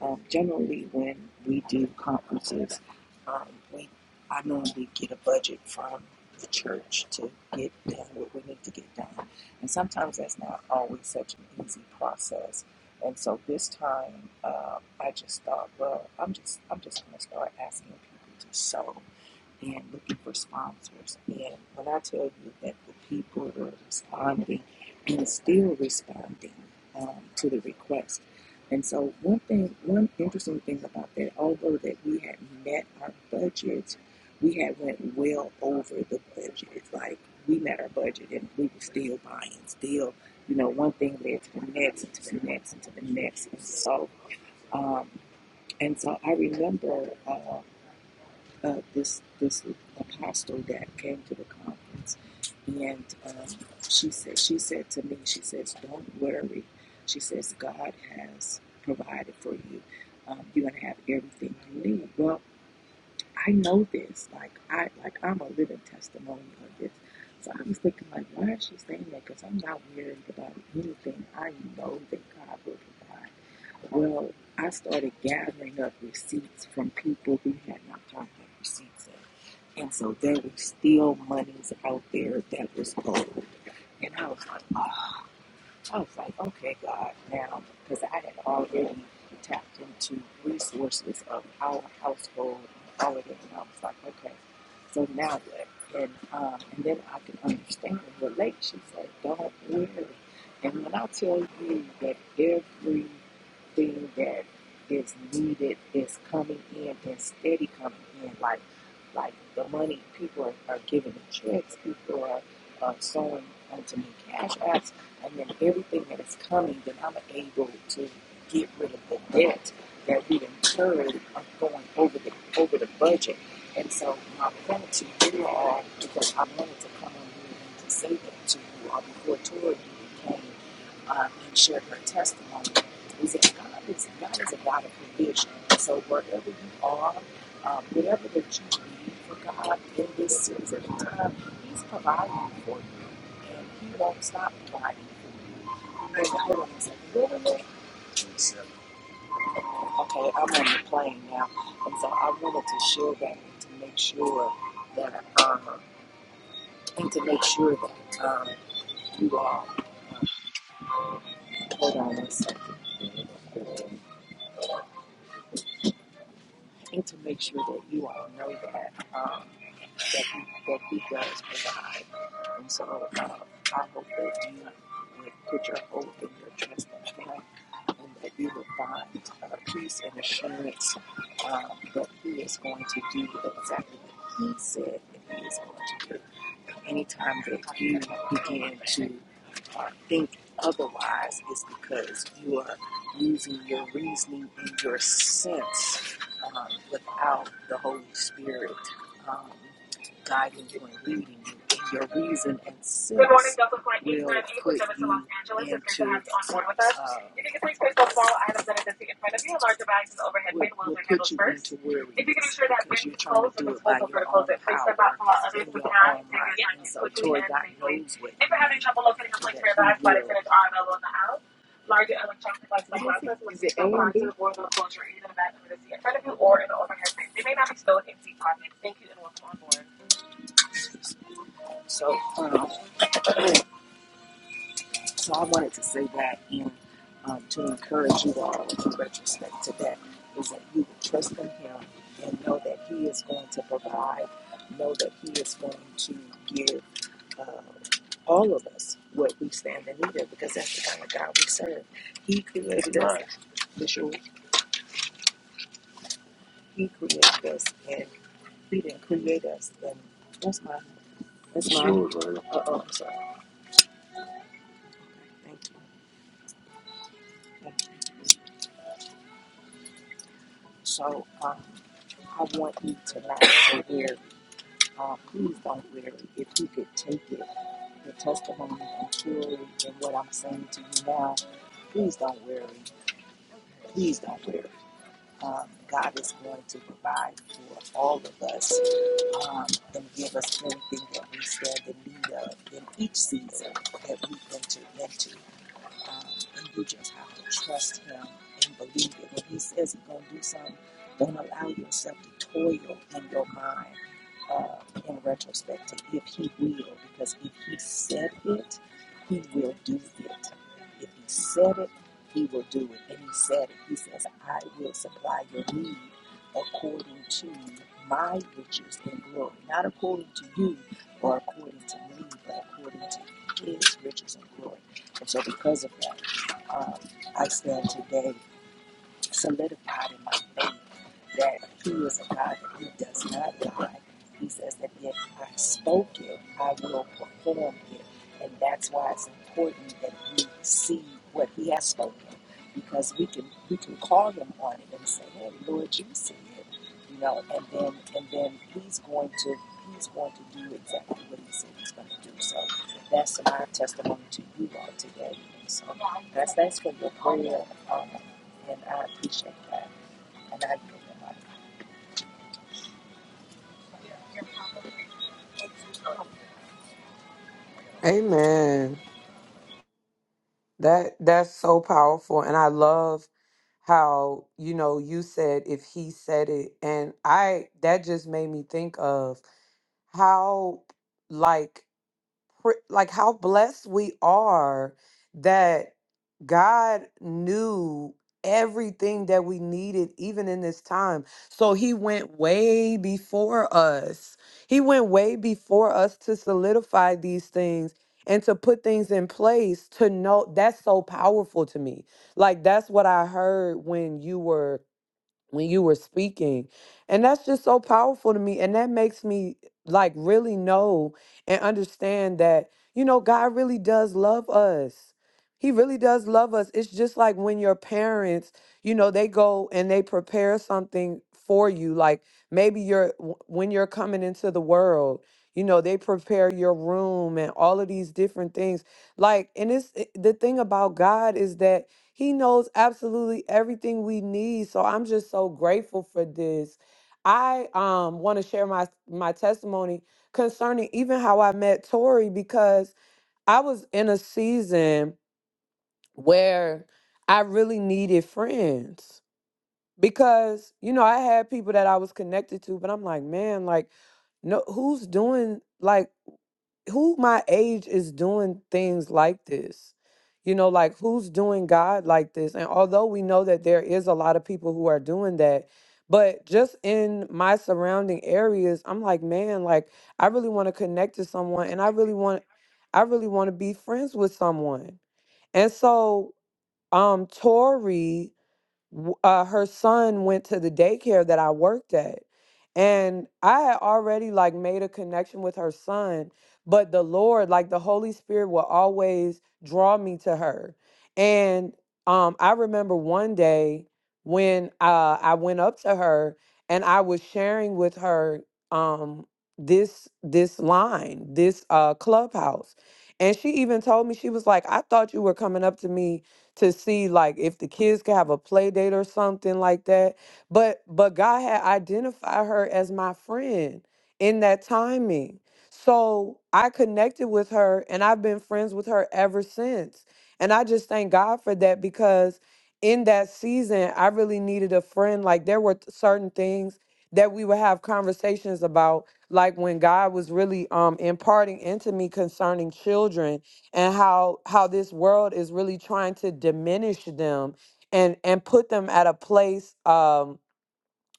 S5: Um, generally, when we do conferences, um, we, I normally get a budget from the church to get done what we need to get done. And sometimes that's not always such an easy process. And so this time, uh, I just thought, well, I'm just, I'm just going to start asking people to sow and looking for sponsors. And when I tell you that the people are responding and still responding um, to the request. And so one thing, one interesting thing about that, although that we had met our budget, we had went well over the budget. It's like we met our budget and we were still buying, still, you know, one thing led to the next and to the next and to the next. And so, um, and so I remember. uh, uh, this this apostle that came to the conference, and um, she said she said to me, she says, "Don't worry," she says, "God has provided for you. Um, you're gonna have everything you need." Well, I know this. Like I like I'm a living testimony of this. So I was thinking, like, why is she saying that? Because I'm not worried about anything. I know that God will provide. Well, I started gathering up receipts from people who had not turned in receipts in. And so there was still monies out there that was owed. And I was like, oh, I was like, okay, God, now, because I had already tapped into resources of our household and all of it, and I was like, okay, so now what? And um, and then I could understand and relate. She said, don't worry. And when I tell you that everything that is needed is coming in and steady coming in, like like the money people are, are giving the checks, people are uh, sewing onto me cash apps and then everything that is coming, then I'm able to get rid of the debt that we incurred of going over the over the budget. And so my point to you all, because I wanted to come on here and to say that to you all before Tori came um, and shared her testimony, is that God is God is a God of provision. So wherever you are, um, whatever that you need for God in this season of time, He's providing for you and he won't stop driving for me. hold on a second, really? Okay, I'm on the plane now, and so I wanted to share that and to make sure that, um, and to make sure that, um, you all, uh, hold on a second. and to make sure that you all know that um, that he that he does provide. And so uh, I hope that you would put your hope and your trust in him, and that you would find uh, peace and assurance um, that he is going to do exactly what he said that he is going to do anytime that you begin to uh, think otherwise, it's because you are using your reasoning and your sense um, without the Holy Spirit. Um, guiding you and leading you your reason and Good morning, sense will put you into have you uh, If you put you into where we. If it you can ensure that when you close, the disposal your it. Please step out power others in to your pass so quickly and safely. If you are having trouble locating a so place that for your He bags, flight will. attendants are available in the house? Larger electronic devices like What is it? glasses will Is be it A stored and onto the B? board will close the bag under the seat in front of you or in the overhead bin. They may not be stowed in seat pockets. Thank you and welcome on board. So, um, so I wanted to say that and um, to encourage you all in retrospect to that is that you would trust in Him and know that He is going to provide, know that He is going to give uh, all of us what we stand in need of because that's the kind of God we serve. He created us, Right. Bishop, He created us, and He didn't create us. And that's my, that's my, right? uh oh, I'm sorry. Thank you. Thank you. So um, I want you tonight to hear, uh, please don't weary, if you could take it, the testimony and truly in what I'm saying to you now, please don't worry. Please don't worry. Um, God is going to provide for all of us um, and give us everything that we stand in need of in each season that we enter into. Um, and you just have to trust Him and believe it. When He says He's going to do something, don't allow yourself to toil in your mind uh, in retrospect to if He will, because if He said it, He will do it. If He said it, He will do it. And He said it. He says, I will supply your need according to my riches and glory, not according to you or according to me, but according to His riches and glory. And so, because of that, um, I stand today solidified in my faith that He is a God that He does not lie. He says that if I spoke it, I will perform it. And that's why it's important that we see what He has spoken. Because we can we can call him on it and say, Hey Lord, you see it you know, and then and then he's going to he's going to do exactly what he said he's going to do. So that's my testimony to you all today. so I thanks for your prayer. Um, and I appreciate that. And I give yield the mic.
S1: Amen. That that's so powerful and I love how you know you said if he said it and I that just made me think of how like pri- like how blessed we are that God knew everything that we needed even in this time. So he went way before us. He went way before us to solidify these things and to put things in place to know that's so powerful to me. Like that's what I heard when you were when you were speaking. And that's just so powerful to me. And that makes me like really know and understand that, you know, God really does love us. He really does love us. It's just like when your parents, you know, they go and they prepare something for you. Like maybe you're, w- when you're coming into the world, you know, they prepare your room and all of these different things. Like, and it's it- the thing about God is that he knows absolutely everything we need. So I'm just so grateful for this. I um want to share my my testimony concerning even how I met Tori because I was in a season where I really needed friends because you know I had people that I was connected to but I'm like man like no who's doing like who my age is doing things like this you know like who's doing god like this and although we know that there is a lot of people who are doing that but just in my surrounding areas i'm like man like i really want to connect to someone and i really want i really want to be friends with someone and so um tori w- uh, her son went to the daycare that I worked at. And I had already like made a connection with her son, but the Lord, like the Holy Spirit, will always draw me to her. And um, I remember one day when uh, I went up to her and I was sharing with her um, this this line, this uh, clubhouse, and she even told me she was like, "I thought you were coming up to me." to see like if the kids could have a play date or something like that. But but God had identified her as my friend in that timing. So I connected with her and I've been friends with her ever since. And I just thank God for that because in that season I really needed a friend. Like there were certain things that we would have conversations about like when God was really um imparting into me concerning children and how how this world is really trying to diminish them and and put them at a place um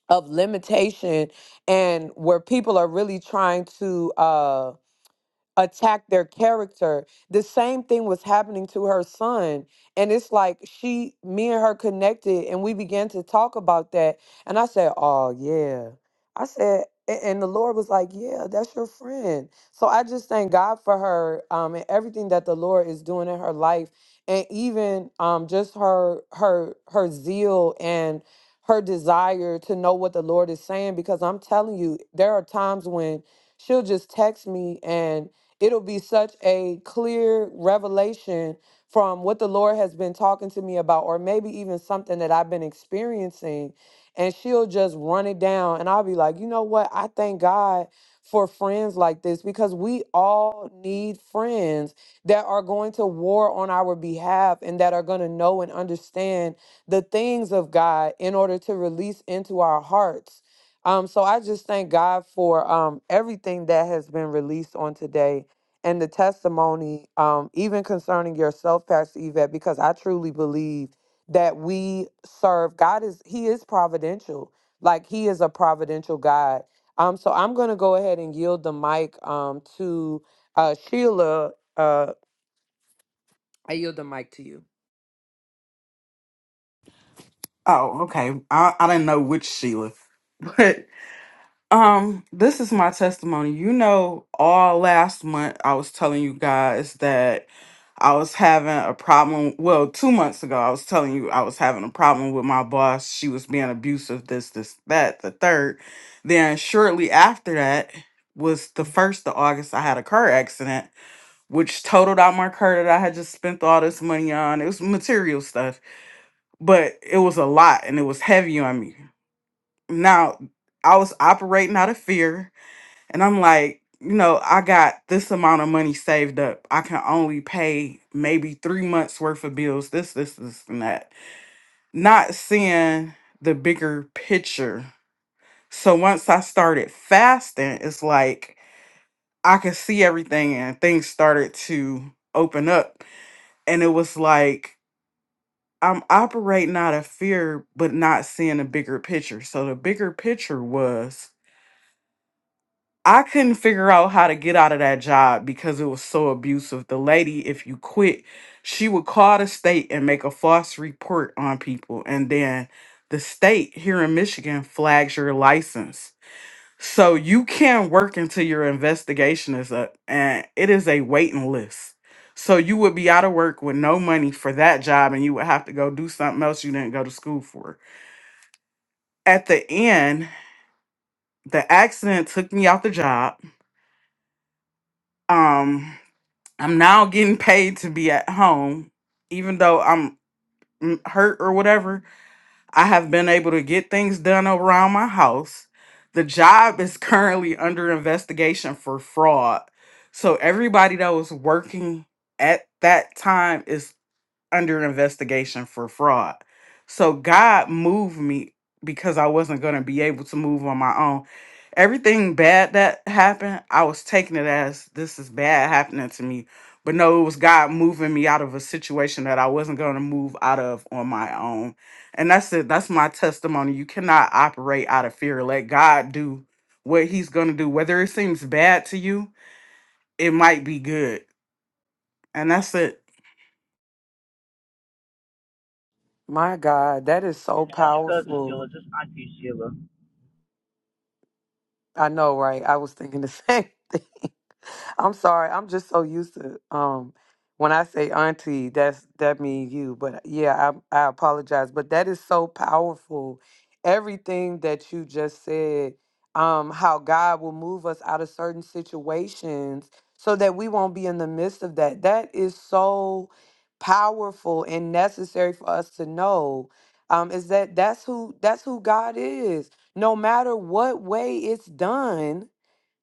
S1: of limitation and where people are really trying to um attack their character. The same thing was happening to her son. And it's like she, me and her connected and we began to talk about that. And I said, Oh, yeah. I said, a- and the Lord was like, Yeah, that's your friend. So I just thank God for her um, and everything that the Lord is doing in her life. And even um, just her her her zeal and her desire to know what the Lord is saying, because I'm telling you, there are times when she'll just text me and it'll be such a clear revelation from what the Lord has been talking to me about, or maybe even something that I've been experiencing. And she'll just run it down. And I'll be like, you know what? I thank God for friends like this because we all need friends that are going to war on our behalf and that are going to know and understand the things of God in order to release into our hearts. Um, so I just thank God for um, everything that has been released on today and the testimony, um, even concerning yourself, Pastor Yvette, because I truly believe that we serve God is He is providential. Like He is a providential God. Um, so I'm gonna go ahead and yield the mic um to uh Sheila. Uh I yield the mic to you.
S6: Oh, okay. I, I didn't know which Sheila. But um this is my testimony. You know, all last month I was telling you guys that I was having a problem. Well, two months ago I was telling you I was having a problem with my boss. She was being abusive, this, this, that, the third. Then shortly after that was the first of August I had a car accident, which totaled out my car that I had just spent all this money on. It was material stuff but it was a lot and it was heavy on me. Now I was operating out of fear and I'm like, you know, I got this amount of money saved up. I can only pay maybe three months worth of bills, this, this, this, and that. Not seeing the bigger picture. So once I started fasting, it's like I could see everything and things started to open up. And it was like I'm operating out of fear, but not seeing a bigger picture. So the bigger picture was I couldn't figure out how to get out of that job because it was so abusive. The lady, if you quit, she would call the state and make a false report on people. And then the state here in Michigan flags your license. So you can work until your investigation is up, and it is a waiting list. So you would be out of work with no money for that job, and you would have to go do something else you didn't go to school for. At the end, the accident took me out the job. Um, I'm now getting paid to be at home, even though I'm mm, hurt or whatever I have been able to get things done around my house. The job is currently under investigation for fraud. So everybody that was working at that time is under investigation for fraud. So God moved me because I wasn't going to be able to move on my own. Everything bad that happened, I was taking it as this is bad happening to me. But no, it was God moving me out of a situation that I wasn't going to move out of on my own. And that's it. That's my testimony. You cannot operate out of fear. Let God do what he's going to do. Whether it seems bad to you, it might be good. And that's it.
S1: My God, that is so
S3: And that's cousin
S1: powerful.
S3: Sheila, just Auntie Sheila.
S1: I know, right? I was thinking the same thing. I'm sorry. I'm just so used to um when I say auntie, that's that mean you. But uh, yeah, I I apologize. But that is so powerful. Everything that you just said, um, how God will move us out of certain situations so that we won't be in the midst of that. That is so powerful and necessary for us to know. Um, is that that's who that's who God is. No matter what way it's done,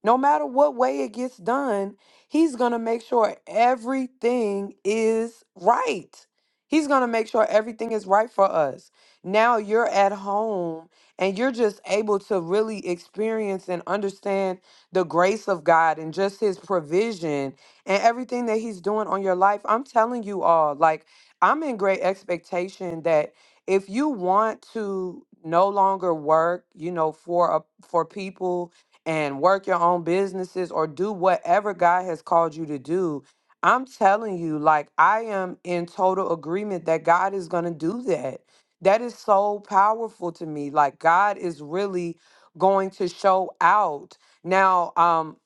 S1: no matter what way it gets done, he's going to make sure everything is right. He's going to make sure everything is right for us. Now you're at home and you're just able to really experience and understand the grace of God and just his provision and everything that he's doing on your life. I'm telling you all, like, I'm in great expectation that if you want to no longer work, you know, for a, for people and work your own businesses or do whatever God has called you to do. I'm telling you, like, I am in total agreement that God is going to do that. That is so powerful to me. Like, God is really going to show out. Now, um,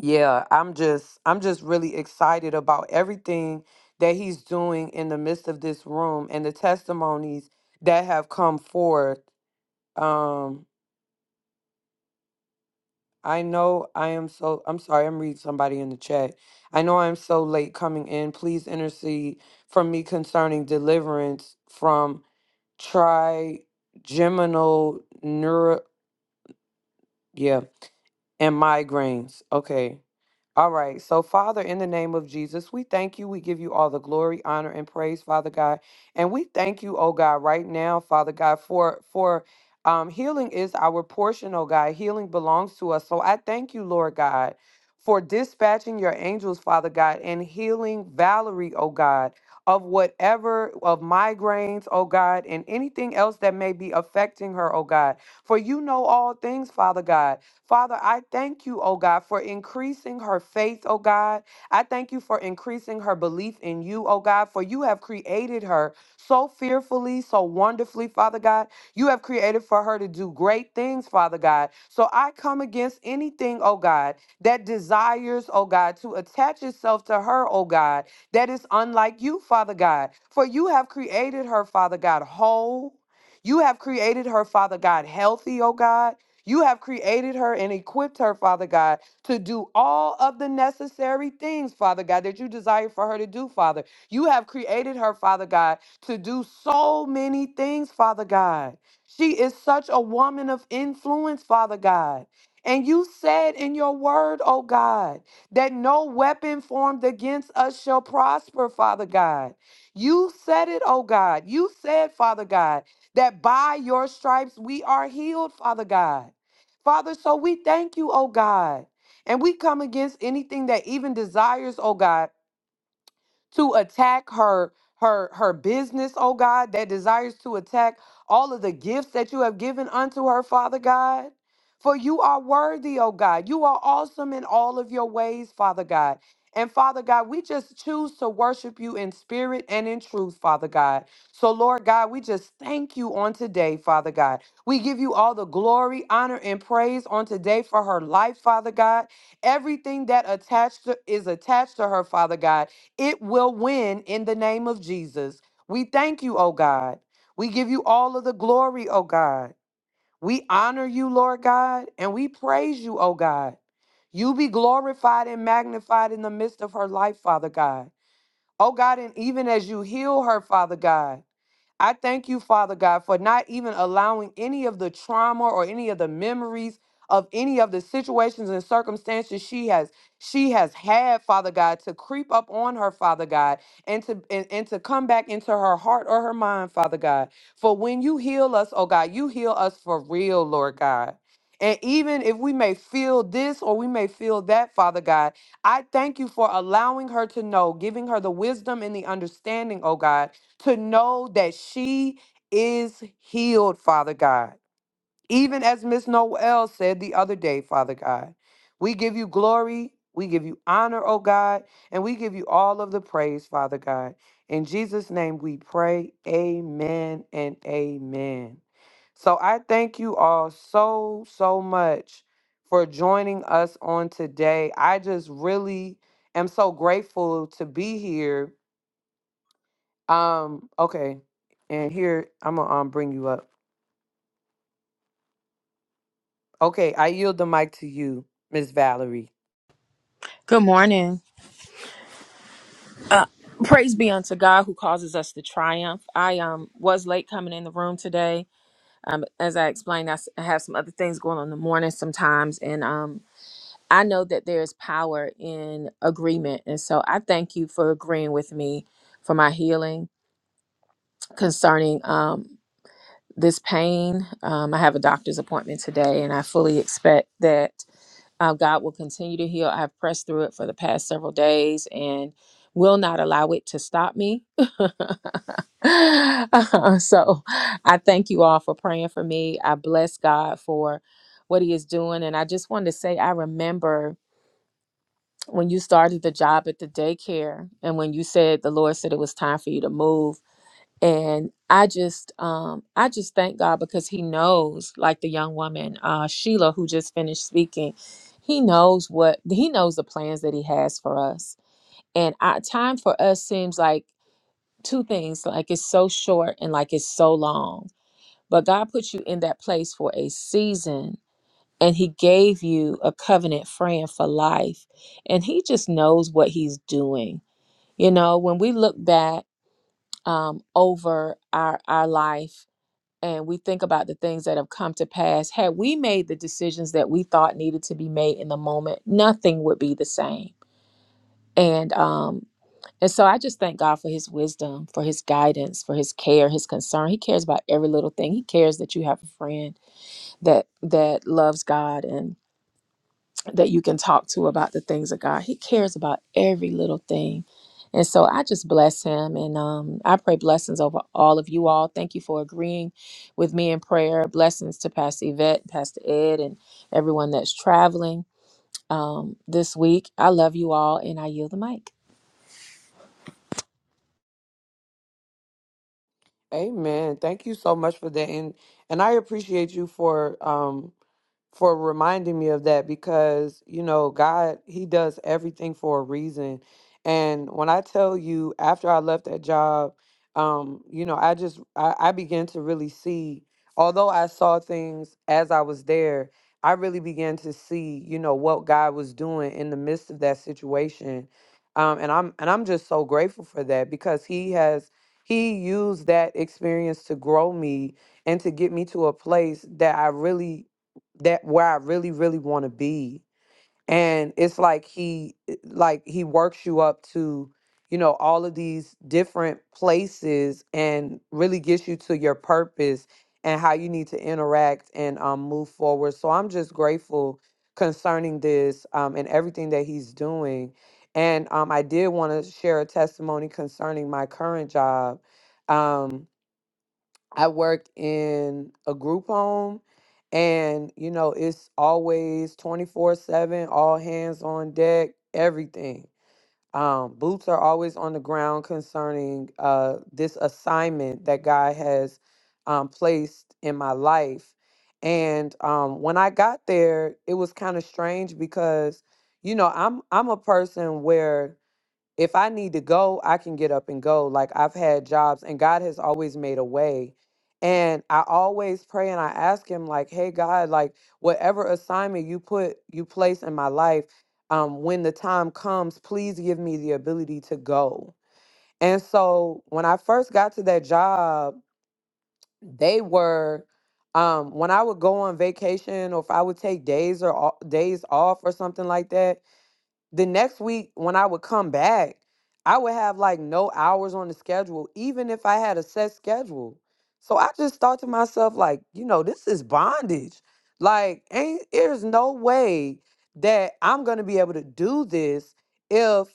S1: yeah, I'm just, I'm just really excited about everything that he's doing in the midst of this room and the testimonies that have come forth. Um, I know I am so, I'm sorry, I'm reading somebody in the chat. I know I'm so late coming in. Please intercede for me concerning deliverance from trigeminal neuro, yeah, and migraines. Okay. All right. So, Father, in the name of Jesus, we thank you. We give you all the glory, honor, and praise, Father God. And we thank you, oh God, right now, Father God, for for um, healing is our portion, oh God. Healing belongs to us. So I thank you, Lord God, for dispatching your angels, Father God, and healing Valerie, oh God, of whatever of migraines, oh God, and anything else that may be affecting her, oh God. For you know all things, Father God. Father, I thank you, oh God, for increasing her faith, oh God. I thank you for increasing her belief in you, oh God, for you have created her so fearfully, so wonderfully, Father God. You have created for her to do great things, Father God. So I come against anything, oh God, that desires, oh God, to attach itself to her, oh God, that is unlike you, Father God. For you have created her, Father God, whole. You have created her, Father God, healthy, oh God. You have created her and equipped her, Father God, to do all of the necessary things, Father God, that you desire for her to do, Father. You have created her, Father God, to do so many things, Father God. She is such a woman of influence, Father God. And you said in your word, oh God, that no weapon formed against us shall prosper, Father God. You said it, oh God. You said, Father God, that by your stripes we are healed, Father God. Father, so we thank you, oh God. And we come against anything that even desires, oh God to attack her her her business, oh God, that desires to attack all of the gifts that you have given unto her, Father God. For you are worthy, oh God. You are awesome in all of your ways, Father God. And Father God, we just choose to worship you in spirit and in truth, Father God. So, Lord God, we just thank you on today, Father God. We give you all the glory, honor, and praise on today for her life, Father God. Everything that attached to, is attached to her, Father God. It will win in the name of Jesus. We thank you, oh God. We give you all of the glory, oh God. We honor you, Lord God, and we praise you, oh God. You be glorified and magnified in the midst of her life, Father God. Oh God, and even as you heal her, Father God. I thank you, Father God, for not even allowing any of the trauma or any of the memories of any of the situations and circumstances she has she has had, Father God, to creep up on her, Father God, and to and, and to come back into her heart or her mind, Father God. For when you heal us, oh God, you heal us for real, Lord God. And even if we may feel this or we may feel that, Father God, I thank you for allowing her to know, giving her the wisdom and the understanding, oh God, to know that she is healed, Father God. Even as Miss Noel said the other day, Father God, we give you glory, we give you honor, oh God, and we give you all of the praise, Father God. In Jesus' name we pray, amen and amen. So I thank you all so, so much for joining us on today. I just really am so grateful to be here um, okay. And here I'm gonna um bring you up. Okay, I yield the mic to you, Miss Valerie.
S7: Good morning. Uh, praise be unto God who causes us to triumph. I um was late coming in the room today. Um, as I explained, I, s- I have some other things going on in the morning sometimes, and um, I know that there is power in agreement, and so I thank you for agreeing with me for my healing concerning um this pain. Um, I have a doctor's appointment today, and I fully expect that. Uh, God will continue to heal. I've pressed through it for the past several days and will not allow it to stop me. Uh, so I thank you all for praying for me. I bless God for what He is doing. And I just wanted to say, I remember when you started the job at the daycare and when you said the Lord said it was time for you to move and i just um i just thank god because he knows like the young woman uh sheila who just finished speaking he knows what he knows the plans that he has for us and our time for us seems like two things like it's so short and like it's so long but god put you in that place for a season and he gave you a covenant friend for life and he just knows what he's doing you know when we look back um, over our our life and we think about the things that have come to pass, had we made the decisions that we thought needed to be made in the moment, nothing would be the same. And um and so I just thank God for his wisdom, for his guidance, for his care, his concern. He cares about every little thing. He cares that you have a friend that that loves God and that you can talk to about the things of God. He cares about every little thing. And so I just bless him and um, I pray blessings over all of you all. Thank you for agreeing with me in prayer. Blessings to Pastor Yvette, Pastor Ed, and everyone that's traveling um, this week. I love you all and I yield the mic.
S1: Amen. Thank you so much for that. And and I appreciate you for um for reminding me of that because you know God he does everything for a reason and when I tell you after I left that job um you know I just I, I began to really see although I saw things as I was there I really began to see you know what God was doing in the midst of that situation um and I'm and I'm just so grateful for that because he has he used that experience to grow me and to get me to a place that I really that where I really, really want to be. And it's like he eh, like he works you up to, you know, all of these different places and really gets you to your purpose and how you need to interact and um move forward. So I'm just grateful concerning this um and everything that he's doing. And um I did want to share a testimony concerning my current job. Um I worked in a group home and you know it's always 24/7 all hands on deck everything. Um boots are always on the ground concerning uh this assignment that God has um placed in my life. And um when I got there it was kind of strange because you know I'm I'm a person where if I need to go, I can get up and go. Like I've had jobs and God has always made a way. And I always pray and I ask him like, "Hey God, like whatever assignment you put you place in my life, um when the time comes, please give me the ability to go." And so when I first got to that job, they were um when I would go on vacation or if I would take days or o- days off or something like that, the next week when I would come back, I would have like no hours on the schedule, even if I had a set schedule. So I just thought to myself, like, you know, this is bondage. Like, ain't there's no way that I'm gonna be able to do this if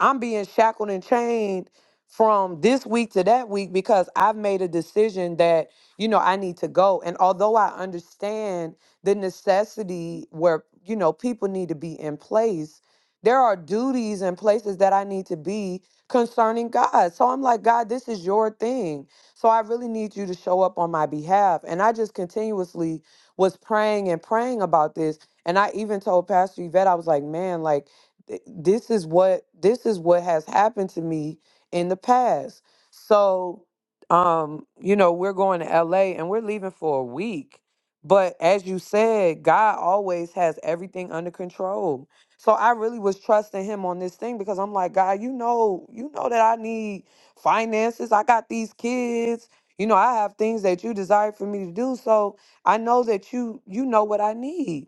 S1: I'm being shackled and chained from this week to that week because I've made a decision that, you know, I need to go. And although I understand the necessity where, you know, people need to be in place, there are duties and places that I need to be concerning God. So I'm like, God, this is your thing. So I really need you to show up on my behalf. And I just continuously was praying and praying about this. And I even told Pastor Yvette, I was like, man, like, th- this is what this is what has happened to me in the past so um you know we're going to la and we're leaving for a week but as you said god always has everything under control so i really was trusting him on this thing because i'm like god you know you know that i need finances i got these kids you know i have things that you desire for me to do so i know that you you know what i need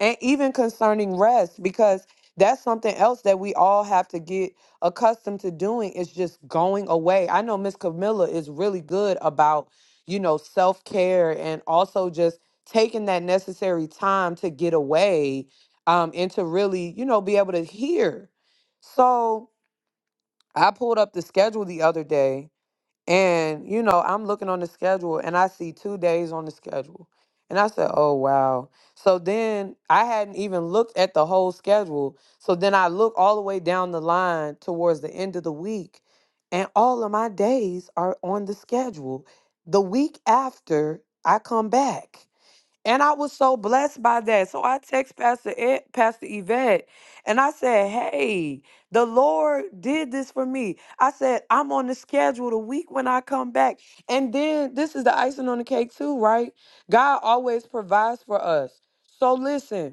S1: and even concerning rest because that's something else that we all have to get accustomed to doing is just going away. I know Miss Camilla is really good about, you know, self-care and also just taking that necessary time to get away um and to really, you know, be able to hear. So, I pulled up the schedule the other day and, you know, I'm looking on the schedule and I see two days on the schedule. And I said, oh, wow. So then I hadn't even looked at the whole schedule. So then I look all the way down the line towards the end of the week, and all of my days are on the schedule. The week after I come back. And I was so blessed by that. So I text Pastor Ed, Pastor Yvette and I said, Hey, the Lord did this for me. I said, I'm on the schedule the week when I come back. And then this is the icing on the cake, too, right? God always provides for us. So listen,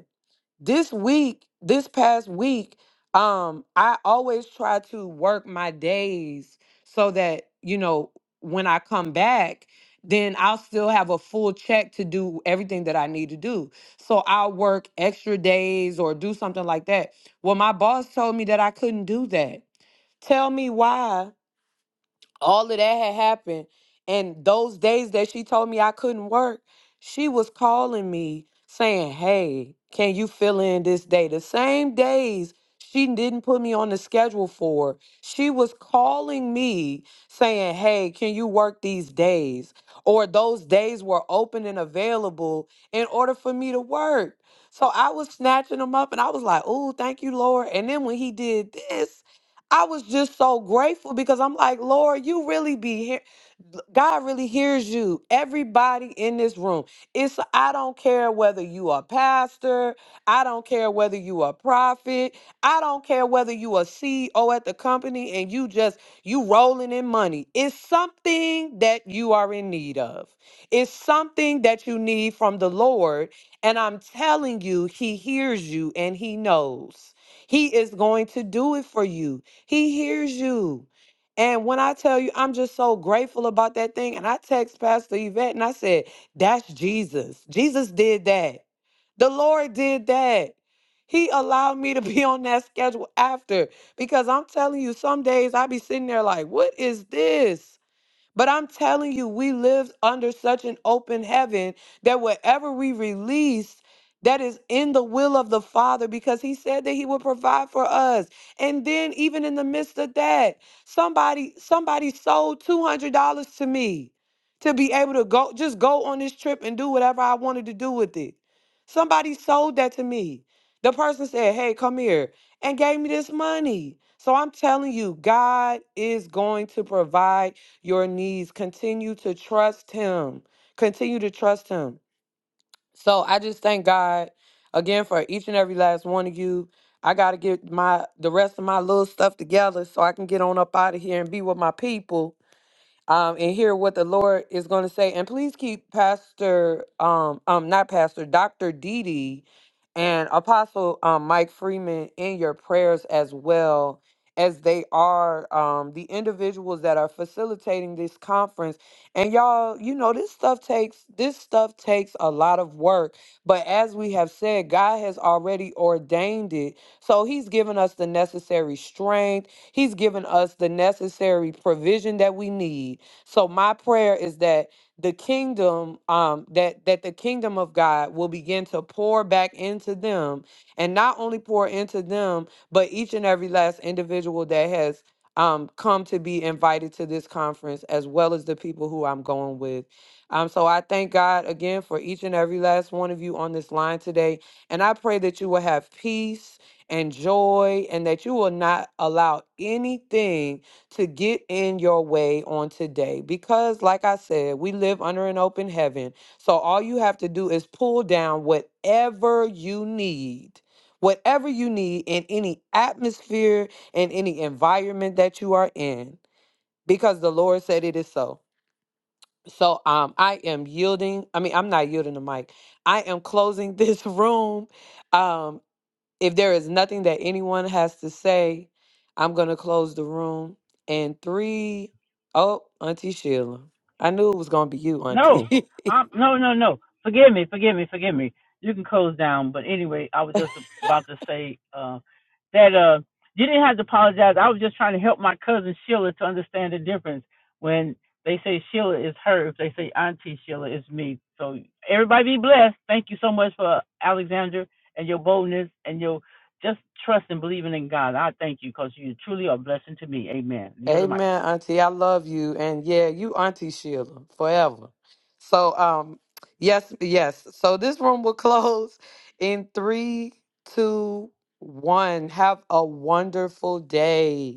S1: this week, this past week, um, I always try to work my days so that, you know, when I come back, then I'll still have a full check to do everything that I need to do. So I'll work extra days or do something like that. Well, my boss told me that I couldn't do that. Tell me why all of that had happened and those days that she told me i couldn't work she was calling me saying hey can you fill in this day the same days she didn't put me on the schedule for she was calling me saying hey can you work these days or those days were open and available in order for me to work so i was snatching them up and i was like oh thank you lord and then when he did this I was just so grateful because I'm like, Lord, you really be here. God really hears you. Everybody in this room. It's I don't care whether you are pastor, I don't care whether you are prophet, I don't care whether you are CEO at the company and you just you rolling in money. It's something that you are in need of. It's something that you need from the Lord, and I'm telling you, he hears you and he knows. He is going to do it for you. He hears you. And when I tell you, I'm just so grateful about that thing. And I text Pastor Yvette and I said, That's Jesus. Jesus did that. The Lord did that. He allowed me to be on that schedule after because I'm telling you, some days I be sitting there like, What is this? But I'm telling you, we live under such an open heaven that whatever we release, that is in the will of the Father because He said that He would provide for us. And then, even in the midst of that, somebody somebody sold two hundred dollars to me to be able to go just go on this trip and do whatever I wanted to do with it. Somebody sold that to me. The person said, "Hey, come here," and gave me this money. So I'm telling you, God is going to provide your needs. Continue to trust Him. Continue to trust Him. So I just thank God again for each and every last one of you. I got to get my the rest of my little stuff together so I can get on up out of here and be with my people um, and hear what the Lord is going to say. And please keep Pastor, um, um, not Pastor, Doctor Didi, and Apostle um, Mike Freeman in your prayers as well, as they are um, the individuals that are facilitating this conference. And y'all, you know, this stuff takes this stuff takes a lot of work. But as we have said, God has already ordained it, so He's given us the necessary strength. He's given us the necessary provision that we need so my prayer is that the kingdom, um, that that the kingdom of God will begin to pour back into them, and not only pour into them, but each and every last individual that has um come to be invited to this conference, as well as the people who I'm going with. Um, so I thank God again for each and every last one of you on this line today, and I pray that you will have peace and joy, and that you will not allow anything to get in your way on today because, like I said, we live under an open heaven. So all you have to do is pull down whatever you need, whatever you need in any atmosphere and any environment that you are in, because the Lord said it is so. So um, I am yielding. I mean, I'm not yielding the mic. I am closing this room. Um, if there is nothing that anyone has to say, I'm going to close the room. And three, oh, Auntie Sheila. I knew it was going to be you, Auntie.
S3: No, um, no, no, no. Forgive me, forgive me, forgive me. You can close down. But anyway, I was just about to say uh, that uh, you didn't have to apologize. I was just trying to help my cousin Sheila to understand the difference when they say Sheila is her. If they say Auntie Sheila is me. So everybody be blessed. Thank you so much for Alexandra and your boldness and your just trust and believing in God. I thank you because you truly are a blessing to me. Amen. Yield the mic.
S1: Amen, Auntie. I love you. And yeah, you, Auntie Sheila, forever. So, um, yes, yes. So this room will close in three, two, one. Have a wonderful day.